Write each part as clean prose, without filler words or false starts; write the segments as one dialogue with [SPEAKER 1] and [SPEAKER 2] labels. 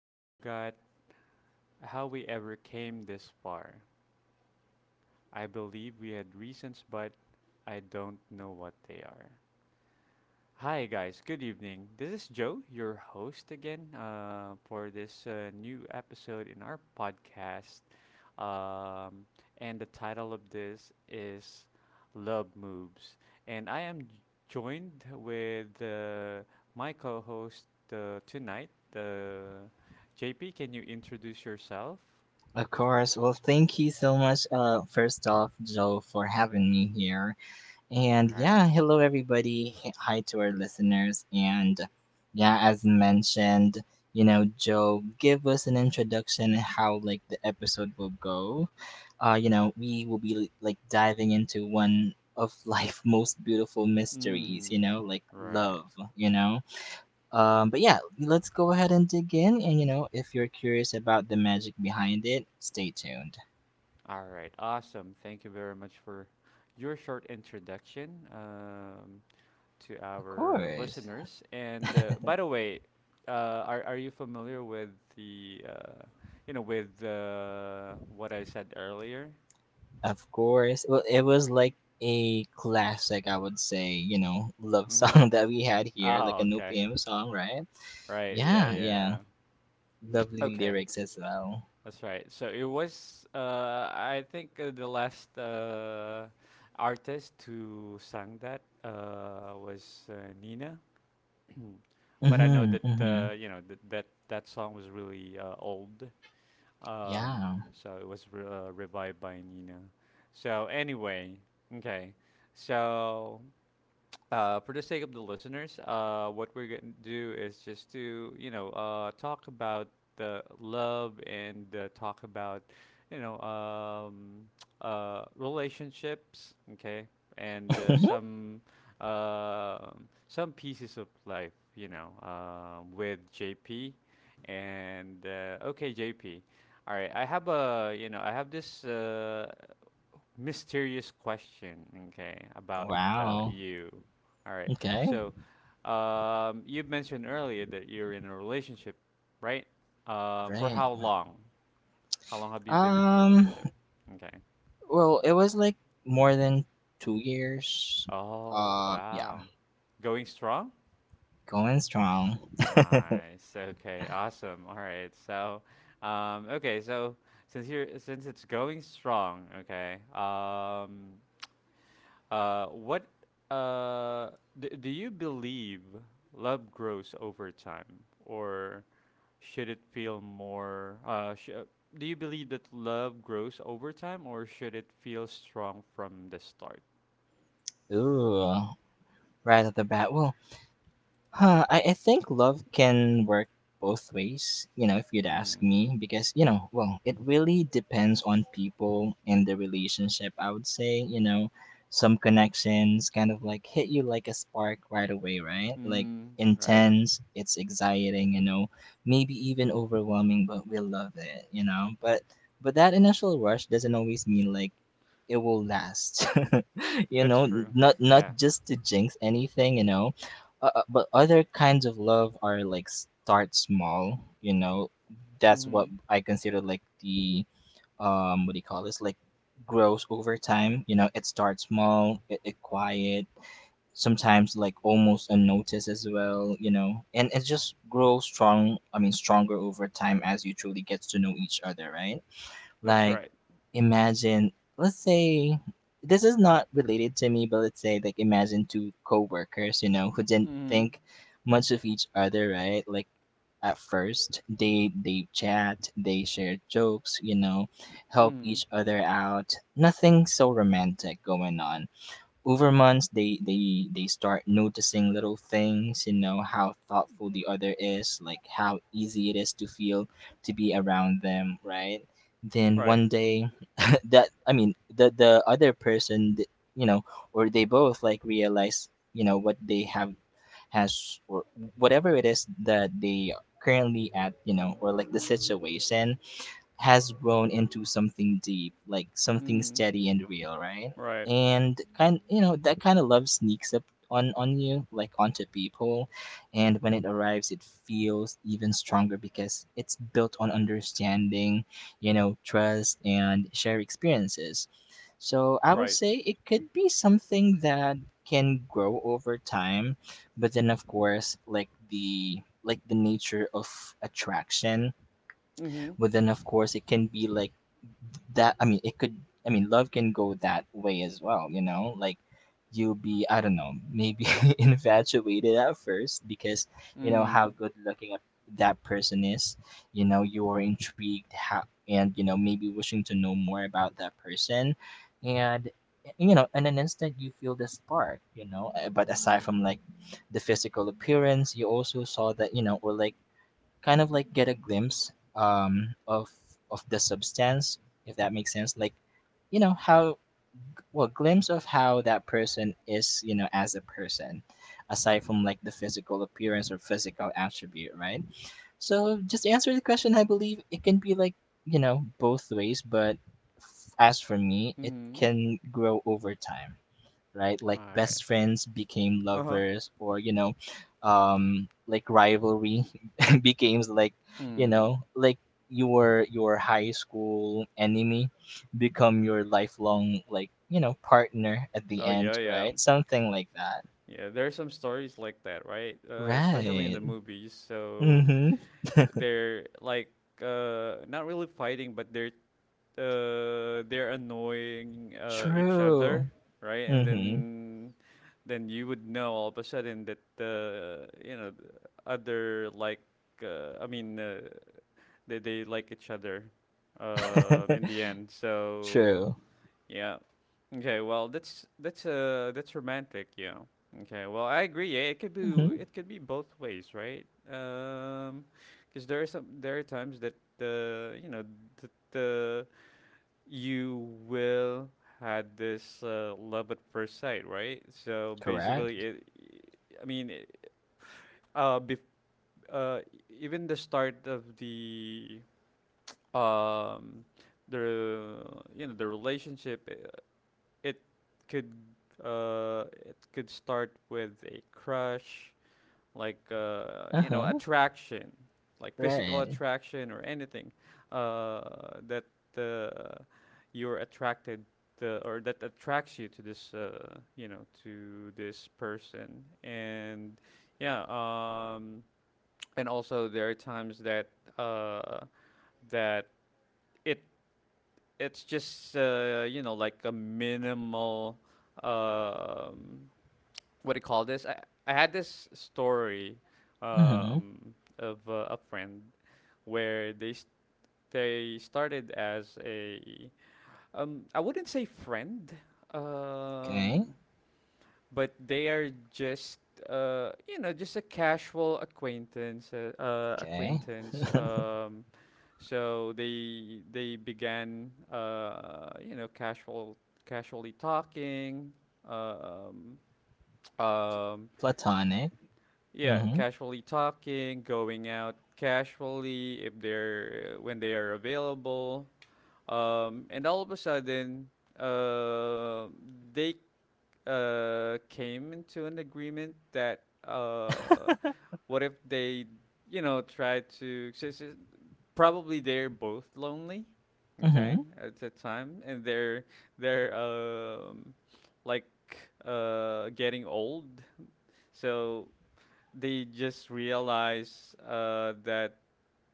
[SPEAKER 1] I forgot how we ever came this far. I believe we had reasons, but I don't know what they are. Hi, guys. Good evening. This is Joe, your host again, for this new episode in our podcast. Um, and the title of this is Love Moves. And I am joined with my co host tonight, uh, JP. Can you introduce yourself?
[SPEAKER 2] Of course. Well, thank you so much, first off, Joe, for having me here. And
[SPEAKER 1] All right.
[SPEAKER 2] yeah, hello, everybody. Hi to our listeners. And yeah, as mentioned, you know, Joe, give us an introduction and how, like, the episode will go. You know, we will be, like, diving into one of life's most beautiful mysteries,
[SPEAKER 1] Mm,
[SPEAKER 2] you know, like
[SPEAKER 1] right.
[SPEAKER 2] love, you know? But yeah, let's go ahead and dig in. And you know, if you're curious about the magic behind it, stay tuned.
[SPEAKER 1] All right. Awesome. Thank you very much for your short introduction, to
[SPEAKER 2] Of
[SPEAKER 1] our
[SPEAKER 2] course,
[SPEAKER 1] listeners. And by the way, are you familiar with the you know with what I said earlier?
[SPEAKER 2] of course. Well, it was like a classic, I would say. You know, love
[SPEAKER 1] Mm-hmm.
[SPEAKER 2] song that we had here, like
[SPEAKER 1] Oh,
[SPEAKER 2] a new
[SPEAKER 1] okay.
[SPEAKER 2] PM song, right?
[SPEAKER 1] Right. Yeah.
[SPEAKER 2] Yeah, yeah.
[SPEAKER 1] Yeah.
[SPEAKER 2] Lovely
[SPEAKER 1] Okay.
[SPEAKER 2] lyrics as well.
[SPEAKER 1] That's right. So it was I think the last artist who sang that was Nina. But I know
[SPEAKER 2] Mhm,
[SPEAKER 1] that
[SPEAKER 2] mhm.
[SPEAKER 1] that that song was really old. Um,
[SPEAKER 2] Yeah.
[SPEAKER 1] so it was revived by Nina. So anyway, okay. So for the sake of the listeners, what we're going to do is just to, you know, talk about the love and talk about, you know, relationships, okay, and uh, some pieces of life, you know, with JP. And okay, JP. All right, I have a, you know, I have this mysterious question, okay, about
[SPEAKER 2] Wow.
[SPEAKER 1] you. All right.
[SPEAKER 2] Okay.
[SPEAKER 1] So, you mentioned earlier that you're in a relationship, right? For
[SPEAKER 2] Right.
[SPEAKER 1] how long? How long have you been in a
[SPEAKER 2] Um.
[SPEAKER 1] relationship? Okay.
[SPEAKER 2] Well, it was like more than two years.
[SPEAKER 1] Oh,
[SPEAKER 2] Yeah,
[SPEAKER 1] wow. Going strong?
[SPEAKER 2] going strong.
[SPEAKER 1] Nice. Okay. Awesome. All right. So, okay. So, since it's going strong, okay. Uh, what uh, do you believe love grows over time, or should it feel more? Sh- do you believe that love grows over time, or should it feel strong from the start?
[SPEAKER 2] Ooh, right off the bat. Well, I think love can work both ways, you know, if you'd ask
[SPEAKER 1] Mm-hmm.
[SPEAKER 2] me, because, you know, well, it really depends on people and the relationship, I would say, you know, some connections kind of like hit you like a spark right away, right? Like
[SPEAKER 1] Mm, right.
[SPEAKER 2] intense, it's exciting, you know, maybe even overwhelming, but we love it, you know. But that initial rush doesn't always mean like it will last. You
[SPEAKER 1] That's
[SPEAKER 2] know,
[SPEAKER 1] true.
[SPEAKER 2] not
[SPEAKER 1] Yeah.
[SPEAKER 2] just to jinx anything, you know, but other kinds of love are like start small, you know. That's
[SPEAKER 1] Mm-hmm.
[SPEAKER 2] what I consider like the what do you call this, like grows over time, you know. It starts small, it quiet sometimes, like almost unnoticed as well, you know, and it just grows strong, I mean stronger over time as you truly gets to know each other, right?
[SPEAKER 1] That's
[SPEAKER 2] Like,
[SPEAKER 1] right.
[SPEAKER 2] imagine, let's say, this is not related to me, but let's say, like, imagine two coworkers, you know, who didn't
[SPEAKER 1] Mm-hmm.
[SPEAKER 2] think much of each other, right? Like, at first, they chat, they share jokes, you know, help
[SPEAKER 1] Mm-hmm.
[SPEAKER 2] each other out. Nothing so romantic going on. Over months they start noticing little things, you know, how thoughtful the other is, like how easy it is to feel to be around them, right? Then
[SPEAKER 1] Right.
[SPEAKER 2] one day that I mean the other person you know, or they both like realize, you know, what they have has, or whatever it is that they currently at, you know, or like the situation, has grown into something deep, like something
[SPEAKER 1] Mm-hmm.
[SPEAKER 2] steady and real, right?
[SPEAKER 1] Right.
[SPEAKER 2] And kind, you know, that kind of love sneaks up on you, like onto people, and when it arrives, it feels even stronger because it's built on understanding, you know, trust and share experiences. So I would
[SPEAKER 1] Right.
[SPEAKER 2] say it could be something that can grow over time, but then of course, like the nature of attraction,
[SPEAKER 1] Mm-hmm.
[SPEAKER 2] but then of course it can be like that I mean it could I mean love can go that way as well, you know? Like you'll be, I don't know, maybe infatuated at first because you know how
[SPEAKER 1] Mm.
[SPEAKER 2] good looking that person is, you know, you're intrigued how, and you know, maybe wishing to know more about that person, and you know, and then instead you feel the spark, you know. But aside from like the physical appearance, you also saw that, you know, or like kind of like get a glimpse um of of the substance, if that makes sense, like you know how well, glimpse of how that person is, you know, as a person, aside from like the physical appearance or physical attribute, right? So just to answer the question, I believe it can be like, you know, both ways, but as for me, it
[SPEAKER 1] Mm-hmm.
[SPEAKER 2] can grow over time, right?
[SPEAKER 1] All
[SPEAKER 2] Like
[SPEAKER 1] right.
[SPEAKER 2] best friends became
[SPEAKER 1] Uh-huh.
[SPEAKER 2] lovers, or you know, like rivalry becomes like, you
[SPEAKER 1] Mm.
[SPEAKER 2] know, like your high school enemy become your lifelong like, you know, partner at the
[SPEAKER 1] Oh
[SPEAKER 2] end,
[SPEAKER 1] yeah, yeah.
[SPEAKER 2] right? Something like that,
[SPEAKER 1] Yeah, there are some stories like that, right? Especially in the
[SPEAKER 2] right?
[SPEAKER 1] movies. So
[SPEAKER 2] Mm-hmm.
[SPEAKER 1] they're like not really fighting, but they're annoying each other,
[SPEAKER 2] True.
[SPEAKER 1] right? And then
[SPEAKER 2] Mm-hmm.
[SPEAKER 1] then you would know all of a sudden that you know the other like uh, I mean uh, they like each other in the end. So
[SPEAKER 2] True.
[SPEAKER 1] yeah. Okay. Well, that's that's romantic. Yeah. Okay. Well, I agree. Yeah,
[SPEAKER 2] Mm-hmm.
[SPEAKER 1] it could be both ways, right? Because there are times that uh, you know that uh, you will had this love at first sight, right? So basically,
[SPEAKER 2] Correct.
[SPEAKER 1] it. I mean, it- bef- uh, even the start of the um the you know the relationship it could it could start with a crush, like you know,
[SPEAKER 2] Uh-huh.
[SPEAKER 1] attraction, like physical
[SPEAKER 2] Right.
[SPEAKER 1] attraction or anything uh that uh, you're attracted or that attracts you to this you know, to this person. And yeah, and also there are times that uh that it it's just you know, like a minimal um, what do you call this? I had this story
[SPEAKER 2] Mm-hmm.
[SPEAKER 1] of a friend where they started as a I wouldn't say friend,
[SPEAKER 2] Okay.
[SPEAKER 1] um, but they are just you know just a casual
[SPEAKER 2] Okay.
[SPEAKER 1] acquaintance. So they began casually talking um, um,
[SPEAKER 2] Platonic.
[SPEAKER 1] yeah,
[SPEAKER 2] Mm-hmm.
[SPEAKER 1] casually talking, going out casually if they're when they are available. And all of a sudden uh, they came into an agreement that uh, what if they, you know, try to. S- s- probably they're both lonely, okay,
[SPEAKER 2] Mhm,
[SPEAKER 1] at the time, and they're like getting old, so they just realize that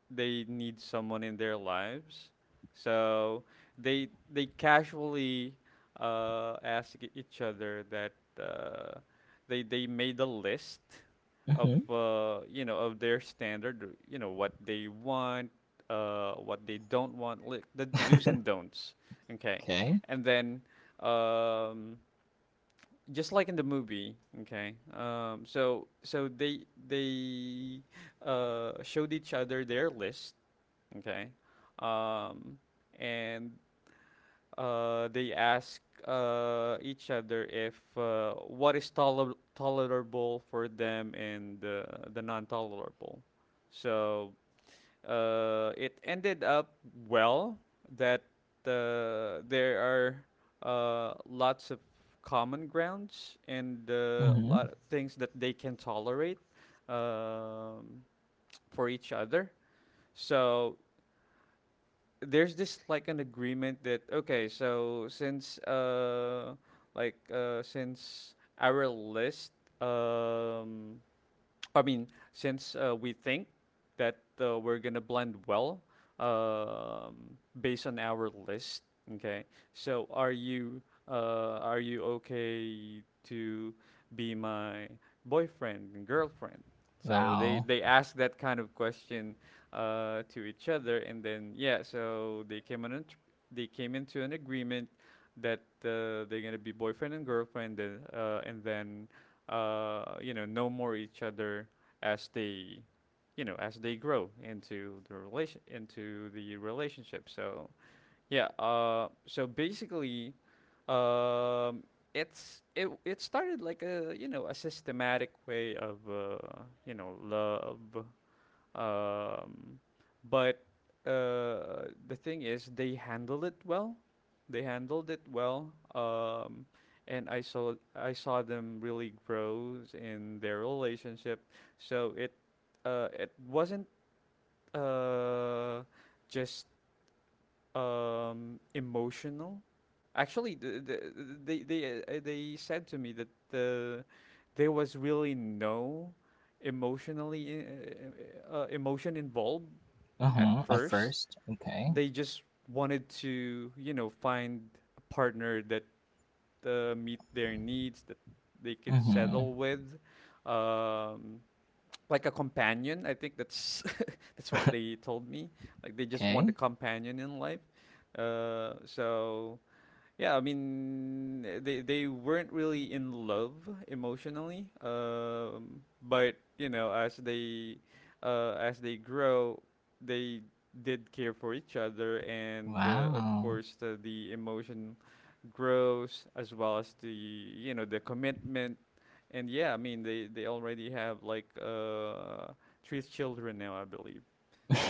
[SPEAKER 1] they need someone in their lives. So they casually ask each other that uh, they made a list of
[SPEAKER 2] mhm,
[SPEAKER 1] of their standard, you know what they want, what they don't want, like the do's and don'ts. Okay,
[SPEAKER 2] okay,
[SPEAKER 1] and then um, just like in the movie, okay. So they showed each other their list. Okay. Um, and they ask each other if what is tolerable for them and the non tolerable. So it ended up well that there are lots of common grounds and a lot
[SPEAKER 2] mhm,
[SPEAKER 1] of things that they can tolerate um, for each other. So there's this like an agreement that okay, so since our list um I mean, since we think that we're gonna blend well based on our list, okay. So are you okay to be my boyfriend and girlfriend? So
[SPEAKER 2] wow,
[SPEAKER 1] they ask that kind of question to each other, and then yeah, so they came into an agreement that they're gonna be boyfriend and girlfriend, and and then you know more each other as they, you know, as they grow into the relationship. So yeah, so basically, um, it's it it started like a you know a systematic way of you know love, um, but the thing is, they handled it well. They handled it well. And I saw them really grow in their relationship. So it wasn't uh, just emotional. Actually, they said to me that there was really no emotion involved at
[SPEAKER 2] uh-huh, at
[SPEAKER 1] first.
[SPEAKER 2] first, okay,
[SPEAKER 1] They just wanted to you know find a partner that meet their needs that they could
[SPEAKER 2] mhm,
[SPEAKER 1] settle with, um, like a companion. I think that's that's what they told me, like they just want a
[SPEAKER 2] okay,
[SPEAKER 1] companion in life. So yeah, I mean, they weren't really in love emotionally, but you know, as they grow, they did care for each other, and of
[SPEAKER 2] wow,
[SPEAKER 1] course, the emotion grows as well as the you know the commitment, and yeah, I mean, they already have like three children now, I believe.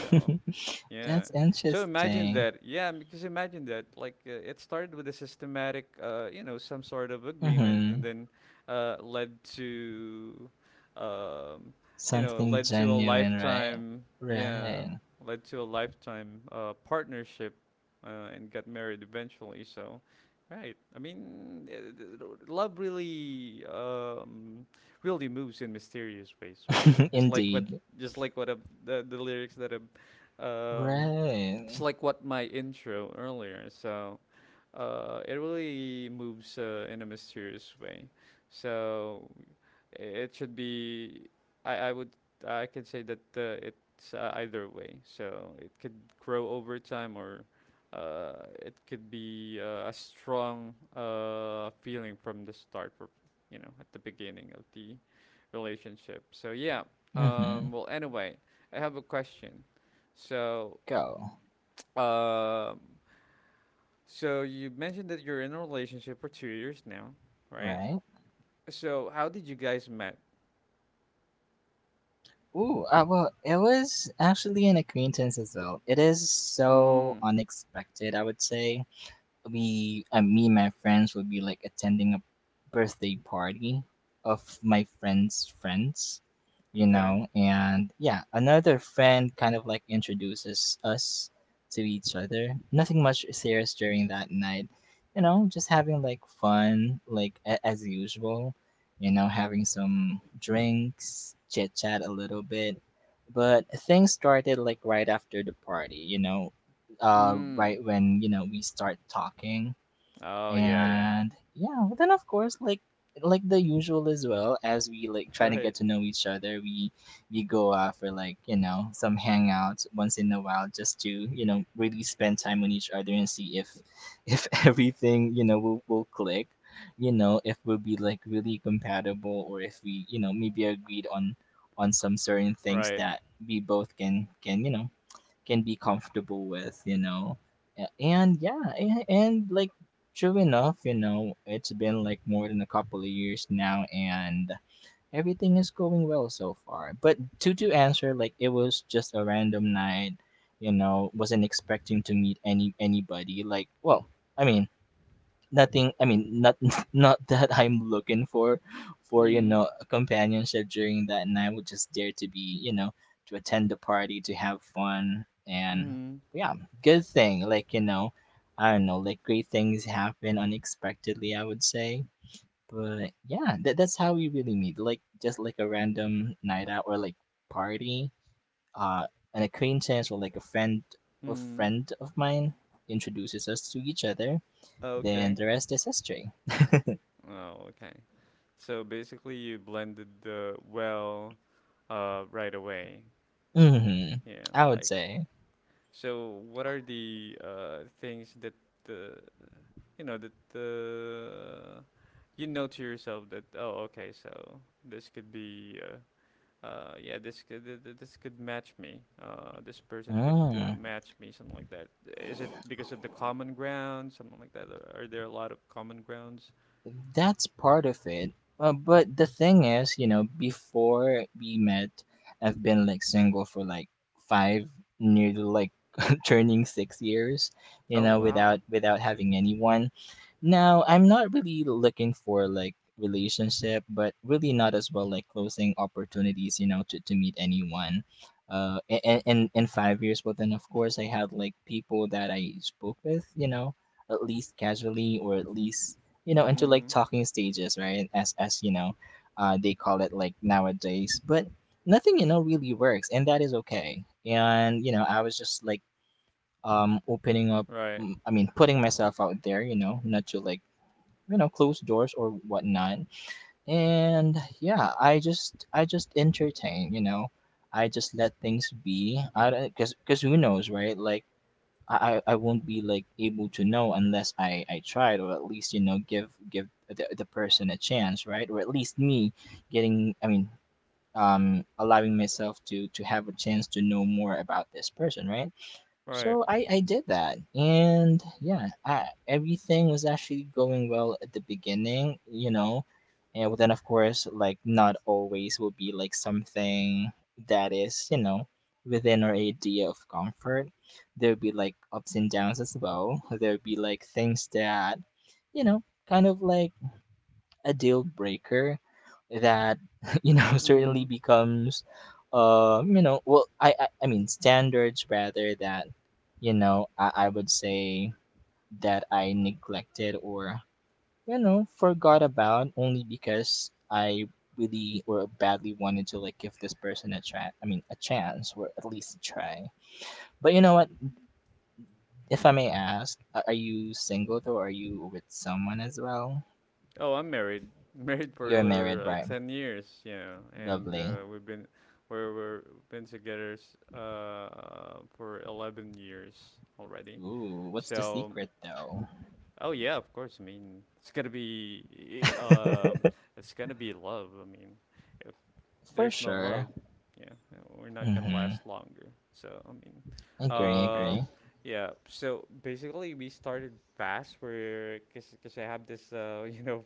[SPEAKER 1] So yeah.
[SPEAKER 2] that's
[SPEAKER 1] So imagine
[SPEAKER 2] interesting,
[SPEAKER 1] that. Yeah, because imagine that. Like it started with a systematic, you know, some sort of agreement, and
[SPEAKER 2] mhm,
[SPEAKER 1] then led to, um, you know,
[SPEAKER 2] something
[SPEAKER 1] led to a
[SPEAKER 2] genuine, right,
[SPEAKER 1] lifetime. Yeah,
[SPEAKER 2] right,
[SPEAKER 1] led to a lifetime partnership, and got married eventually. So, right. I mean, love really, really moves in mysterious ways, right?
[SPEAKER 2] indeed,
[SPEAKER 1] Just like what the lyrics that um, it's
[SPEAKER 2] right,
[SPEAKER 1] like what my intro earlier. So it really moves in a mysterious way. So it should be. I would I could say that it's either way. So it could grow over time, or it could be a strong feeling from the start, or, you know, at the beginning of the relationship. So yeah.
[SPEAKER 2] mhm,
[SPEAKER 1] Well, anyway, I have a question. So,
[SPEAKER 2] go,
[SPEAKER 1] um, so you mentioned that you're in a relationship for 2 years now, right?
[SPEAKER 2] right,
[SPEAKER 1] So how did you guys met?
[SPEAKER 2] ooh, well, it was actually an acquaintance as well, it is so
[SPEAKER 1] Mm.
[SPEAKER 2] unexpected, I would say. We me and my friends would be like attending a birthday party of my friend's friends, you
[SPEAKER 1] Okay.
[SPEAKER 2] know, and yeah, another friend kind of like introduces us to each other. Nothing much serious during that night, you know, just having like fun, like as usual, you know, having some drinks, chit chat a little bit. But things started like right after the party, you know,
[SPEAKER 1] Mm.
[SPEAKER 2] right when, you know, we start talking.
[SPEAKER 1] Oh yeah, yeah.
[SPEAKER 2] And yeah, but then of course, like the usual as well, as we like trying to get
[SPEAKER 1] Right.
[SPEAKER 2] to know each other, we go out for like, you know, some hangouts once in a while, just to, you know, really spend time with each other and see if if everything, you know, will click, you know, if we'll be like really compatible, or if we, you know, maybe agreed on some certain things
[SPEAKER 1] Right.
[SPEAKER 2] that we both can, you know, can be comfortable with, you know. And yeah, and like true enough, you know, it's been like more than a couple of years now, and everything is going well so far. But to answer, like, it was just a random night, you know, wasn't expecting to meet any anybody, like, well, I mean, not not that I'm looking for, you
[SPEAKER 1] Mm.
[SPEAKER 2] know, a companionship during that night, would just there to be, you know, to attend the party, to have fun, and
[SPEAKER 1] Mm.
[SPEAKER 2] yeah. Good thing, like, you know, I don't know, like, great things happen unexpectedly, I would say. But yeah, that's how we really meet, like just like a random night out, or like party, uh an acquaintance or like a friend, a
[SPEAKER 1] Mm.
[SPEAKER 2] friend of mine introduces us to each other, then
[SPEAKER 1] Okay.
[SPEAKER 2] the rest is history.
[SPEAKER 1] Oh, okay. So basically, you blended the well right away.
[SPEAKER 2] Mhm,
[SPEAKER 1] Yeah.
[SPEAKER 2] I would
[SPEAKER 1] Like
[SPEAKER 2] say.
[SPEAKER 1] so, what are the things that the you know that the you know to yourself that oh okay, so this could be yeah, this could this could match me, this person could
[SPEAKER 2] Mm.
[SPEAKER 1] match me, something like that. Is it because of the common ground, something like that, or are there a lot of common grounds?
[SPEAKER 2] That's part of it. But the thing is, you know, before we met, I've been like single for like five, nearly like turning six years, you
[SPEAKER 1] Oh
[SPEAKER 2] know,
[SPEAKER 1] wow.
[SPEAKER 2] without having anyone. Now, I'm not really looking for like relationship, but really not as well like closing opportunities, you know, to meet anyone. In five years, but then of course I had like people that I spoke with, you know, at least casually, or at least, you know, into like
[SPEAKER 1] Mm.
[SPEAKER 2] talking stages, right, as, you know, they call it like nowadays. But nothing, you know, really works, and that is okay, and you know, I was just like opening up,
[SPEAKER 1] Right.
[SPEAKER 2] I mean putting myself out there, you know, not to like, you know, close doors or whatnot. And yeah, I just entertain, you know, I just let things be, I don't, because who knows, right? Like I won't be like able to know unless I tried, or at least, you know, give give the person a chance, right? Or at least me getting, I mean, allowing myself to have a chance to know more about this person, right?
[SPEAKER 1] Right.
[SPEAKER 2] So I did that. And yeah, I, everything was actually going well at the beginning, you know. And well, then, of course, like, not always will be like something that is, you know, within our idea of comfort. There'll be like ups and downs as well. There'll be like things that, you know, kind of like a deal breaker that you know certainly
[SPEAKER 1] Mm.
[SPEAKER 2] becomes you know, well, I mean standards rather, that you know I would say that I neglected, or you know, forgot about, only because I really, or badly wanted to like give this person a try, I mean a chance, or at least a try. But you know what, if I may ask, are you single though, are you with someone as well?
[SPEAKER 1] Oh, I'm married. Married for
[SPEAKER 2] You're married,
[SPEAKER 1] over
[SPEAKER 2] right?
[SPEAKER 1] 10 years, yeah, and
[SPEAKER 2] Lovely.
[SPEAKER 1] we're been together for 11 years already.
[SPEAKER 2] Ooh, what's the
[SPEAKER 1] So,
[SPEAKER 2] secret though?
[SPEAKER 1] oh yeah, of course. I mean, it's gonna be love. I mean,
[SPEAKER 2] For
[SPEAKER 1] there's no
[SPEAKER 2] sure.
[SPEAKER 1] love, yeah, we're not gonna
[SPEAKER 2] Mm-hmm.
[SPEAKER 1] last longer. So I mean,
[SPEAKER 2] Agree.
[SPEAKER 1] um, yeah. So basically, we started fast. Where, cause, cause I have this, you know,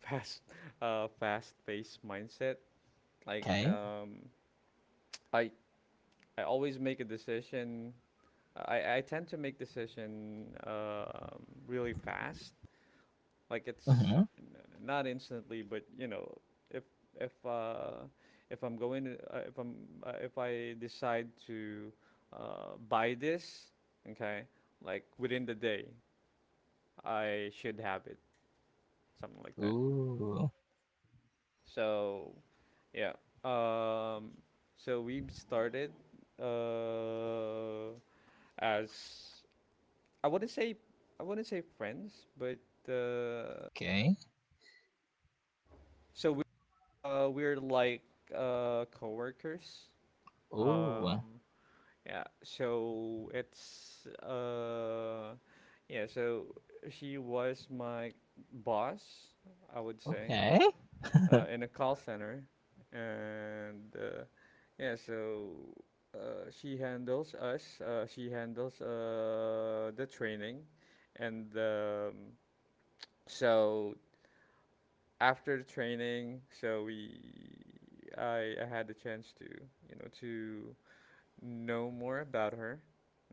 [SPEAKER 1] fast, fast-paced mindset. Like,
[SPEAKER 2] Okay.
[SPEAKER 1] um, I I always make a decision. I tend to make decision, really fast. Like it's
[SPEAKER 2] Mm-hmm.
[SPEAKER 1] not instantly, but you know, if if uh, if I'm if I decide to buy this, okay, like within the day, I should have it, something like that.
[SPEAKER 2] Ooh.
[SPEAKER 1] So yeah, so we've started uh, as I wouldn't say I wouldn't say friends, but uh,
[SPEAKER 2] Okay.
[SPEAKER 1] so uh, we're like coworkers.
[SPEAKER 2] Ooh.
[SPEAKER 1] Um, yeah. So it's yeah. So she was my boss, I would say,
[SPEAKER 2] Okay.
[SPEAKER 1] in a call center, and yeah. So she handles us. She handles the training, and so after the training, so we I had the chance to to know more about her.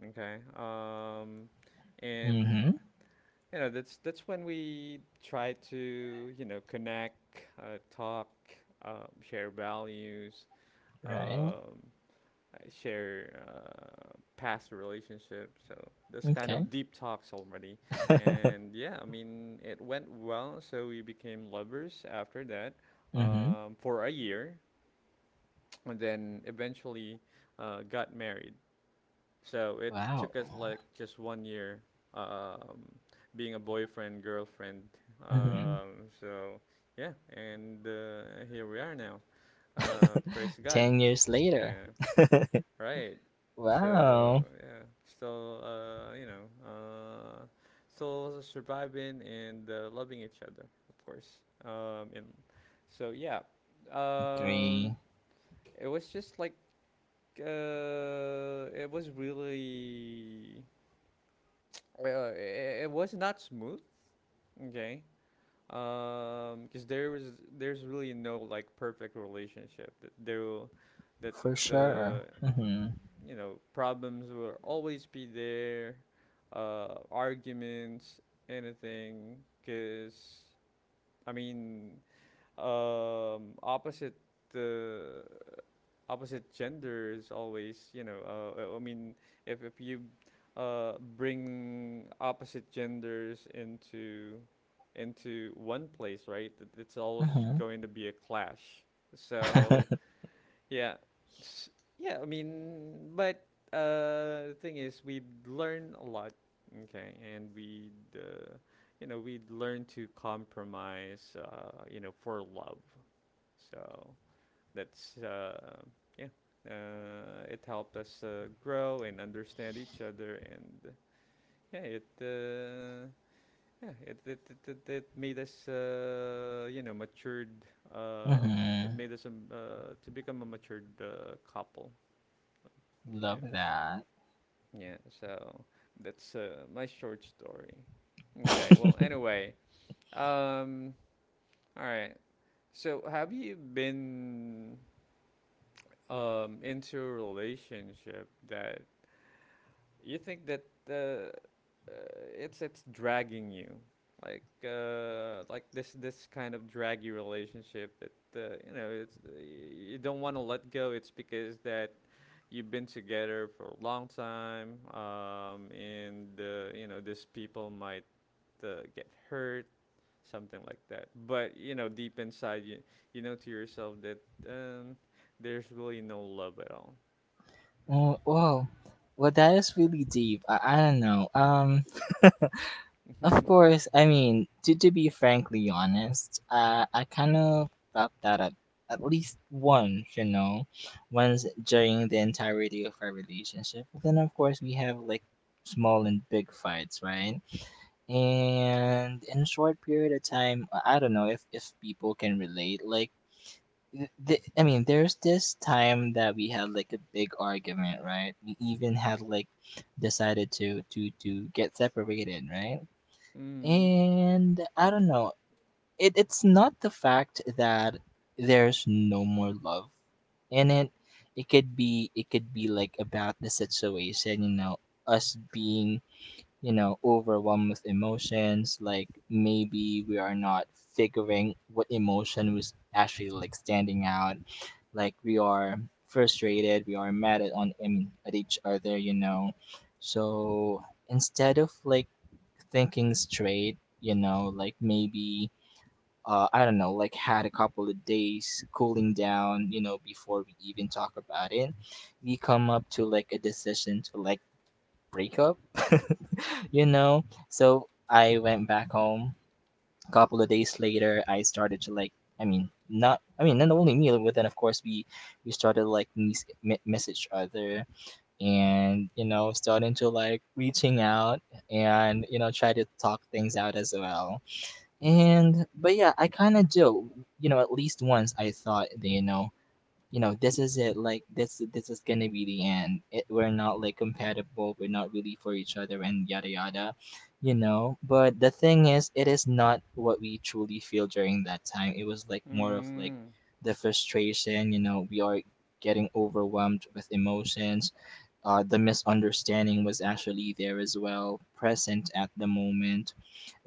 [SPEAKER 1] Okay. And
[SPEAKER 2] Mm-hmm.
[SPEAKER 1] that's when we try to connect, talk, share values,
[SPEAKER 2] Right.
[SPEAKER 1] um, I share past relationships, so this kind
[SPEAKER 2] Okay.
[SPEAKER 1] of deep talks already. And yeah, I mean, it went well, so we became lovers after that
[SPEAKER 2] Mm-hmm.
[SPEAKER 1] um, for a year, and then eventually got married. So it
[SPEAKER 2] Wow.
[SPEAKER 1] took us like just one year, um, being a boyfriend, girlfriend.
[SPEAKER 2] Mm-hmm.
[SPEAKER 1] So yeah, and here we are now. Praise God.
[SPEAKER 2] Ten years later.
[SPEAKER 1] Yeah. Right. So
[SPEAKER 2] Wow.
[SPEAKER 1] yeah, still surviving and loving each other, of course. And so yeah, um,
[SPEAKER 2] Agree.
[SPEAKER 1] it was just like uh, it was really uh, it was not smooth. Okay. Because there's really no like perfect relationship that there will- that
[SPEAKER 2] For sure.
[SPEAKER 1] uh,
[SPEAKER 2] Mm-hmm.
[SPEAKER 1] you know, problems will always be there, arguments, anything. Because, I mean, opposite the opposite gender is always, if you bring opposite genders into one place, right? It's always
[SPEAKER 2] Mm-hmm.
[SPEAKER 1] going to be a clash. So yeah. S- Yeah, I mean, but the thing is, we learn a lot, okay, and we learn to compromise, for love. So that's, yeah, it helped us grow and understand each other, and yeah, it, uh, it made us, matured. It
[SPEAKER 2] mm-hmm.
[SPEAKER 1] made us to become a matured couple.
[SPEAKER 2] Love
[SPEAKER 1] Yeah,
[SPEAKER 2] that.
[SPEAKER 1] yeah. So that's my short story. Okay. Well, anyway. Um. All right. So, have you been into a relationship that you think that it's dragging you like this kind of draggy relationship that you know it's you don't want to let go. It's because that you've been together for a long time, and you know these people might get hurt, something like that. But you know deep inside you, you know to yourself that um, there's really no love at all.
[SPEAKER 2] Oh, whoa. Well, that is really deep. I don't know. Of course, I mean, to be frankly honest, I kind of felt that at least once, you know, once during the entirety of our relationship. But then, of course, we have like small and big fights, right? And in a short period of time, I don't know if people can relate. Like, I mean, there's this time that we had like a big argument, right? We even had like decided to get separated, right?
[SPEAKER 1] Mm.
[SPEAKER 2] And I don't know. It's not the fact that there's no more love in it. It could be like about the situation, you know, us being, you know, overwhelmed with emotions. Like maybe we are not figuring what emotion was actually like standing out. Like we are frustrated, we are mad at on I mean, at each other, you know. So instead of like thinking straight, you know, like maybe, I don't know, like had a couple of days cooling down, you know, before we even talk about it, we come up to like a decision to like break up. You know, so I went back home a couple of days later. I started to like, I mean not only me, but then of course we started to like message each other, and you know, starting to like reaching out, and you know, try to talk things out as well. And but yeah, I kind of do, you know, at least once I thought that, you know, this is it. Like this is gonna be the end it, we're not like compatible, we're not really for each other, and yada yada, you know. But the thing is, it is not what we truly feel during that time. It was like more of like
[SPEAKER 1] Mm.
[SPEAKER 2] the frustration, you know. We are getting overwhelmed with emotions. The misunderstanding was actually there as well, present at the moment,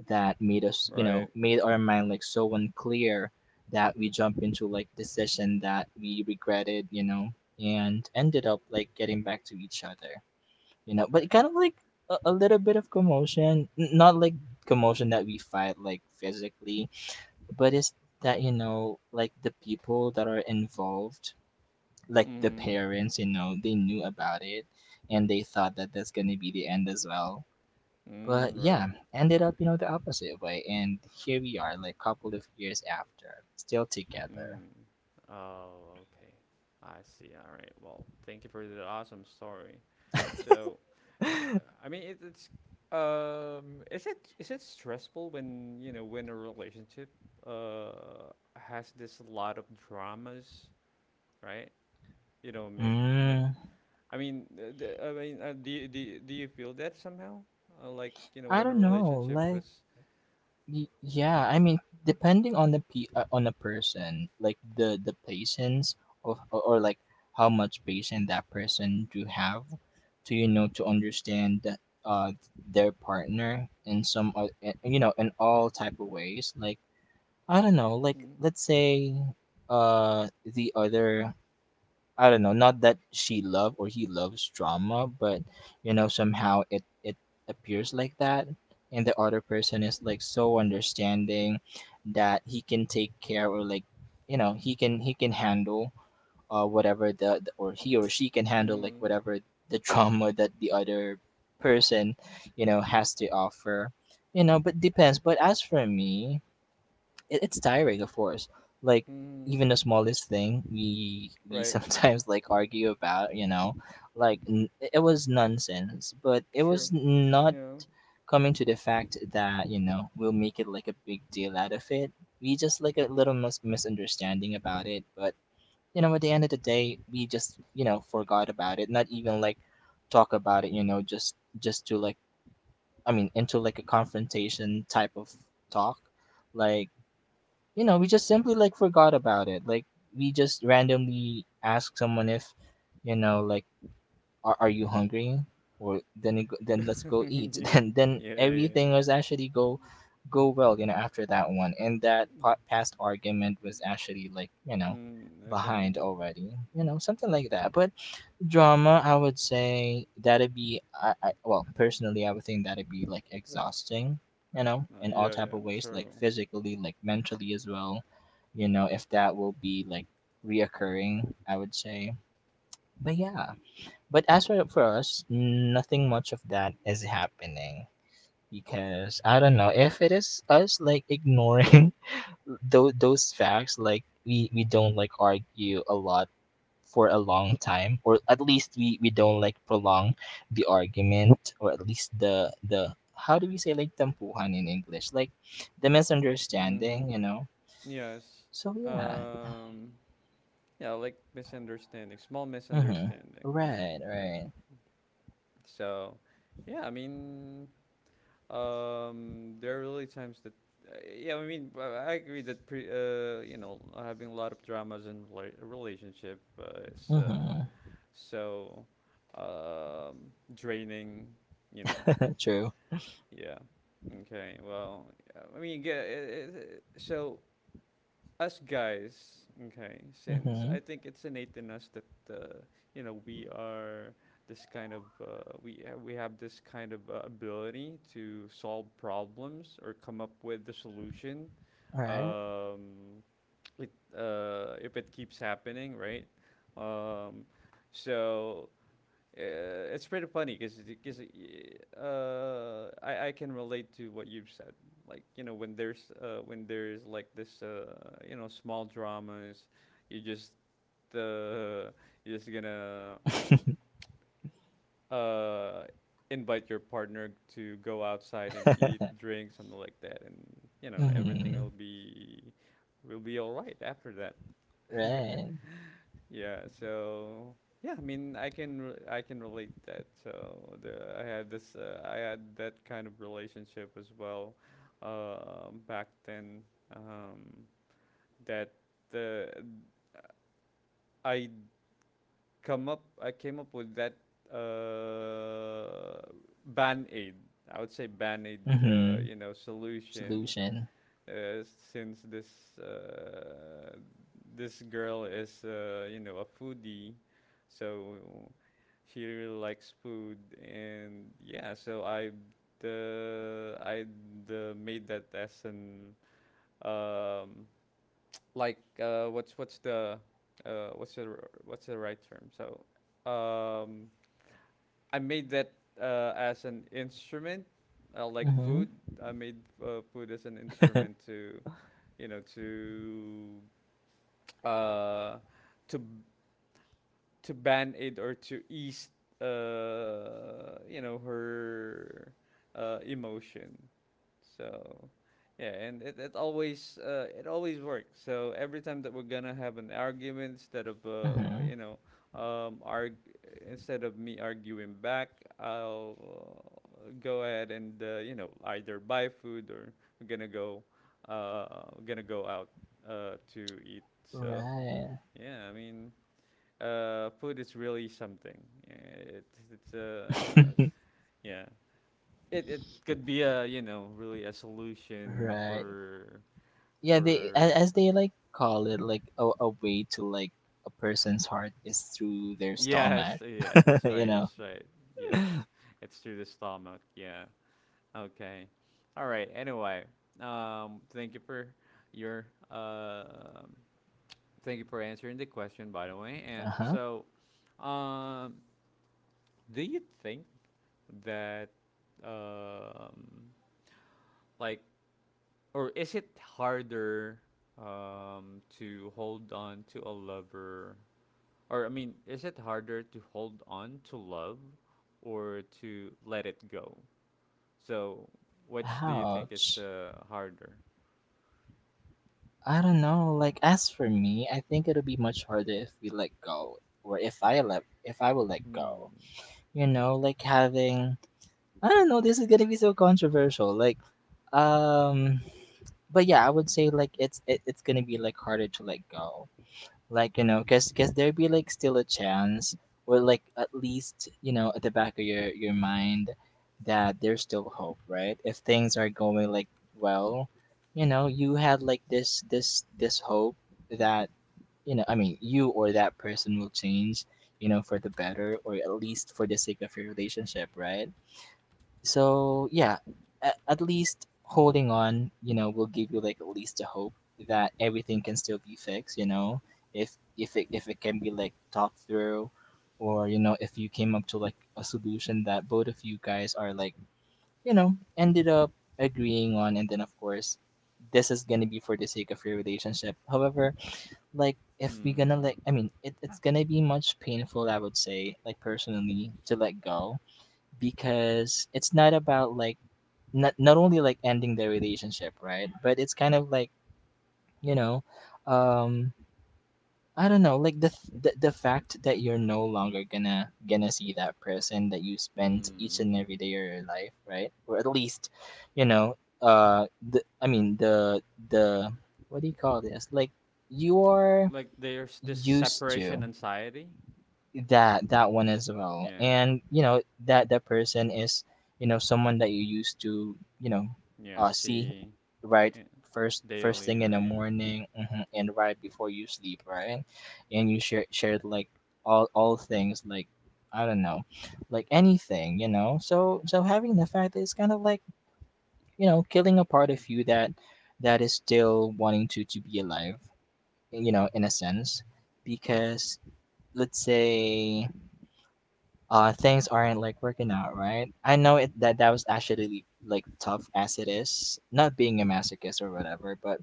[SPEAKER 2] that made us, you know,
[SPEAKER 1] Right.
[SPEAKER 2] made our mind like so unclear, that we jump into like decision that we regretted, you know, and ended up like getting back to each other, you know. But kind of like a little bit of commotion, not like commotion that we fight like physically, but it's that, you know, like the people that are involved, like the
[SPEAKER 1] Mm.
[SPEAKER 2] parents, you know, they knew about it, and they thought that that's going to be the end as well. But
[SPEAKER 1] Mm,
[SPEAKER 2] yeah,
[SPEAKER 1] right.
[SPEAKER 2] ended up, you know, the opposite way. And here we are, like couple of years after, still together.
[SPEAKER 1] Mm. Oh, okay. I see. All right. Well, thank you for the awesome story. So, I mean, it, it's is it stressful when when a relationship uh has this lot of dramas, right? You know, me-
[SPEAKER 2] Mm,
[SPEAKER 1] I mean, I mean, do you feel that somehow? Like you know,
[SPEAKER 2] I
[SPEAKER 1] when a
[SPEAKER 2] don't know.
[SPEAKER 1] relationship
[SPEAKER 2] Like,
[SPEAKER 1] was.
[SPEAKER 2] yeah, I mean, depending on the pe on the person, like the patience of, or like how much patience that person do have to, you know, to understand that, uh, their partner in some, you know, in all type of ways. Like I don't know, like
[SPEAKER 1] Mm.
[SPEAKER 2] let's say, uh, the other, I don't know, not that she love or he loves drama, but you know, somehow it appears like that, and the other person is like so understanding that he can take care, or like, you know, he can handle, uh, whatever the, or he or she can handle like
[SPEAKER 1] Mm.
[SPEAKER 2] whatever the drama that the other person, you know, has to offer. You know, but depends. But as for me, it's tiring, of course. Like
[SPEAKER 1] Mm.
[SPEAKER 2] even the smallest thing, we
[SPEAKER 1] Right.
[SPEAKER 2] sometimes like argue about. You know, like it was nonsense, but it
[SPEAKER 1] True.
[SPEAKER 2] was not
[SPEAKER 1] Yeah.
[SPEAKER 2] coming to the fact that you know we'll make it like a big deal out of it. We just like a little misunderstanding about it, but you know, at the end of the day, we just you know forgot about it. Not even like talk about it. You know, just to like, I mean, into like a confrontation type of talk, like, you know, we just simply like forgot about it. Like we just randomly ask someone if, you know, like are you hungry? Or then it, then let's go eat.
[SPEAKER 1] Yeah.
[SPEAKER 2] Then
[SPEAKER 1] Yeah, yeah.
[SPEAKER 2] everything was actually go go well, you know, after that one. And that past argument was actually like, you know,
[SPEAKER 1] Mm, okay.
[SPEAKER 2] behind already. You know, something like that. But drama, I would say that'd be, I well, personally I would think that'd be like exhausting, you know, in all
[SPEAKER 1] Yeah,
[SPEAKER 2] type
[SPEAKER 1] yeah,
[SPEAKER 2] of ways,
[SPEAKER 1] true.
[SPEAKER 2] like physically, like mentally as well, you know, if that will be like reoccurring, I would say. But yeah. But as for us, nothing much of that is happening, because I don't know if it is us like ignoring those facts. Like we don't like argue a lot for a long time, or at least we don't like prolong the argument, or at least the how do we say, like tampuhan in English, like the
[SPEAKER 1] Mm-hmm.
[SPEAKER 2] misunderstanding, you know.
[SPEAKER 1] Yes.
[SPEAKER 2] So yeah.
[SPEAKER 1] Um, yeah, like misunderstanding, small
[SPEAKER 2] Mm-hmm.
[SPEAKER 1] misunderstanding.
[SPEAKER 2] Right,
[SPEAKER 1] Right.
[SPEAKER 2] right.
[SPEAKER 1] So, yeah, I mean, there are really times that, yeah, I mean, I agree that having a lot of dramas in relationship is
[SPEAKER 2] Mm-hmm.
[SPEAKER 1] so um, draining, you know,
[SPEAKER 2] True.
[SPEAKER 1] Yeah. Okay. Well, I mean, so us guys, okay, since
[SPEAKER 2] Mm-hmm.
[SPEAKER 1] I think it's innate in us that uh, you know we are this kind of we have this kind of ability to solve problems or come up with the solution.
[SPEAKER 2] All right.
[SPEAKER 1] Um, it, if it keeps happening, right? Um, so it's pretty funny because I can relate to what you've said. Like you know when there's like this small dramas, you just uh, you're just gonna uh, invite your partner to go outside and eat, drink, something like that, and you know everything
[SPEAKER 2] Mm-hmm.
[SPEAKER 1] will be all right after that.
[SPEAKER 2] Right.
[SPEAKER 1] Yeah, so yeah, I mean, I can relate that. So the I had this I had that kind of relationship as well, back then, um, that the I I came up with that uh, Band-Aid. I would say Band-Aid,
[SPEAKER 2] Mm-hmm.
[SPEAKER 1] solution,
[SPEAKER 2] Solution.
[SPEAKER 1] since this girl is you know a foodie, so she really likes food, and yeah, so I made that as an um, like uh, what's what's the what's the right term? So, um, I made that as an instrument, like
[SPEAKER 2] Mm-hmm.
[SPEAKER 1] food. I made food as an instrument to, you know, uh, to to band aid or to ease, her emotion. So, yeah, and it always works. So every time that we're gonna have an argument, instead of
[SPEAKER 2] Mm-hmm.
[SPEAKER 1] um, arg- me arguing back, I'll go ahead and you know either buy food, or we're gonna go uh, we're gonna go out to eat. So
[SPEAKER 2] Right.
[SPEAKER 1] yeah, I mean, food is really something. Yeah, it's yeah it could be a really a solution
[SPEAKER 2] Right.
[SPEAKER 1] for
[SPEAKER 2] Yeah, they
[SPEAKER 1] for
[SPEAKER 2] as they like call it like a way to like a person's heart is through their stomach.
[SPEAKER 1] Yes, yeah, that's
[SPEAKER 2] You
[SPEAKER 1] right,
[SPEAKER 2] know.
[SPEAKER 1] that's right. Yes, it's through the stomach. Yeah. Okay, all right, anyway. Thank you for your thank you for answering the question, by the way, and
[SPEAKER 2] Uh-huh.
[SPEAKER 1] so, um do you think that, um like or is it harder to hold on to a lover? Or I mean, is it harder to hold on to love or to let it go? So, which do you think
[SPEAKER 2] Ouch.
[SPEAKER 1] is harder?
[SPEAKER 2] I don't know, like as for me, I think it'll be much harder if we let go, or if I let, if I will let
[SPEAKER 1] Hmm.
[SPEAKER 2] go, you know, like having, I don't know, this is gonna be so controversial, like, um but yeah, I would say like it's gonna be like harder to let go. Like, you know, cause, cause there be like still a chance, or like at least, you know, at the back of your mind that there's still hope, right? If things are going like well, you know, you had like this hope that, you know, I mean, you or that person will change, you know, for the better, or at least for the sake of your relationship, right? So yeah, at least holding on, you know, will give you like at least a hope that everything can still be fixed. You know, if it can be like talked through, or you know, if you came up to like a solution that both of you guys are like, you know, ended up agreeing on, and then of course, this is gonna be for the sake of your relationship. However, like if we gonna
[SPEAKER 1] Hmm.
[SPEAKER 2] like, I mean, it's gonna be much painful. I would say, like personally, to let go, because it's not about like not only like ending the relationship, right? But it's kind of like, you know, um, I don't know, like the fact that you're no longer gonna gonna see that person that you spent each
[SPEAKER 1] Hmm.
[SPEAKER 2] and every day of your life, right? Or at least, you know, the I mean the what do you call this? Like you are
[SPEAKER 1] Like there's this
[SPEAKER 2] used
[SPEAKER 1] separation
[SPEAKER 2] to.
[SPEAKER 1] anxiety.
[SPEAKER 2] That that one as well,
[SPEAKER 1] Yeah.
[SPEAKER 2] and you know that that person is, you know, someone that you used to, you know,
[SPEAKER 1] Yeah,
[SPEAKER 2] see,
[SPEAKER 1] see,
[SPEAKER 2] right,
[SPEAKER 1] eh,
[SPEAKER 2] first
[SPEAKER 1] daily,
[SPEAKER 2] thing in the
[SPEAKER 1] right?
[SPEAKER 2] morning. Mhm, and right before you sleep, right, and you share, shared like all things like, I don't know, like anything, you know. So so having the fact that it's kind of like, you know, killing a part of you that that is still wanting to be alive, you know, in a sense, because let's say, uh, things aren't like working out, right? I know it that that was actually like tough as it is, not being a masochist or whatever, but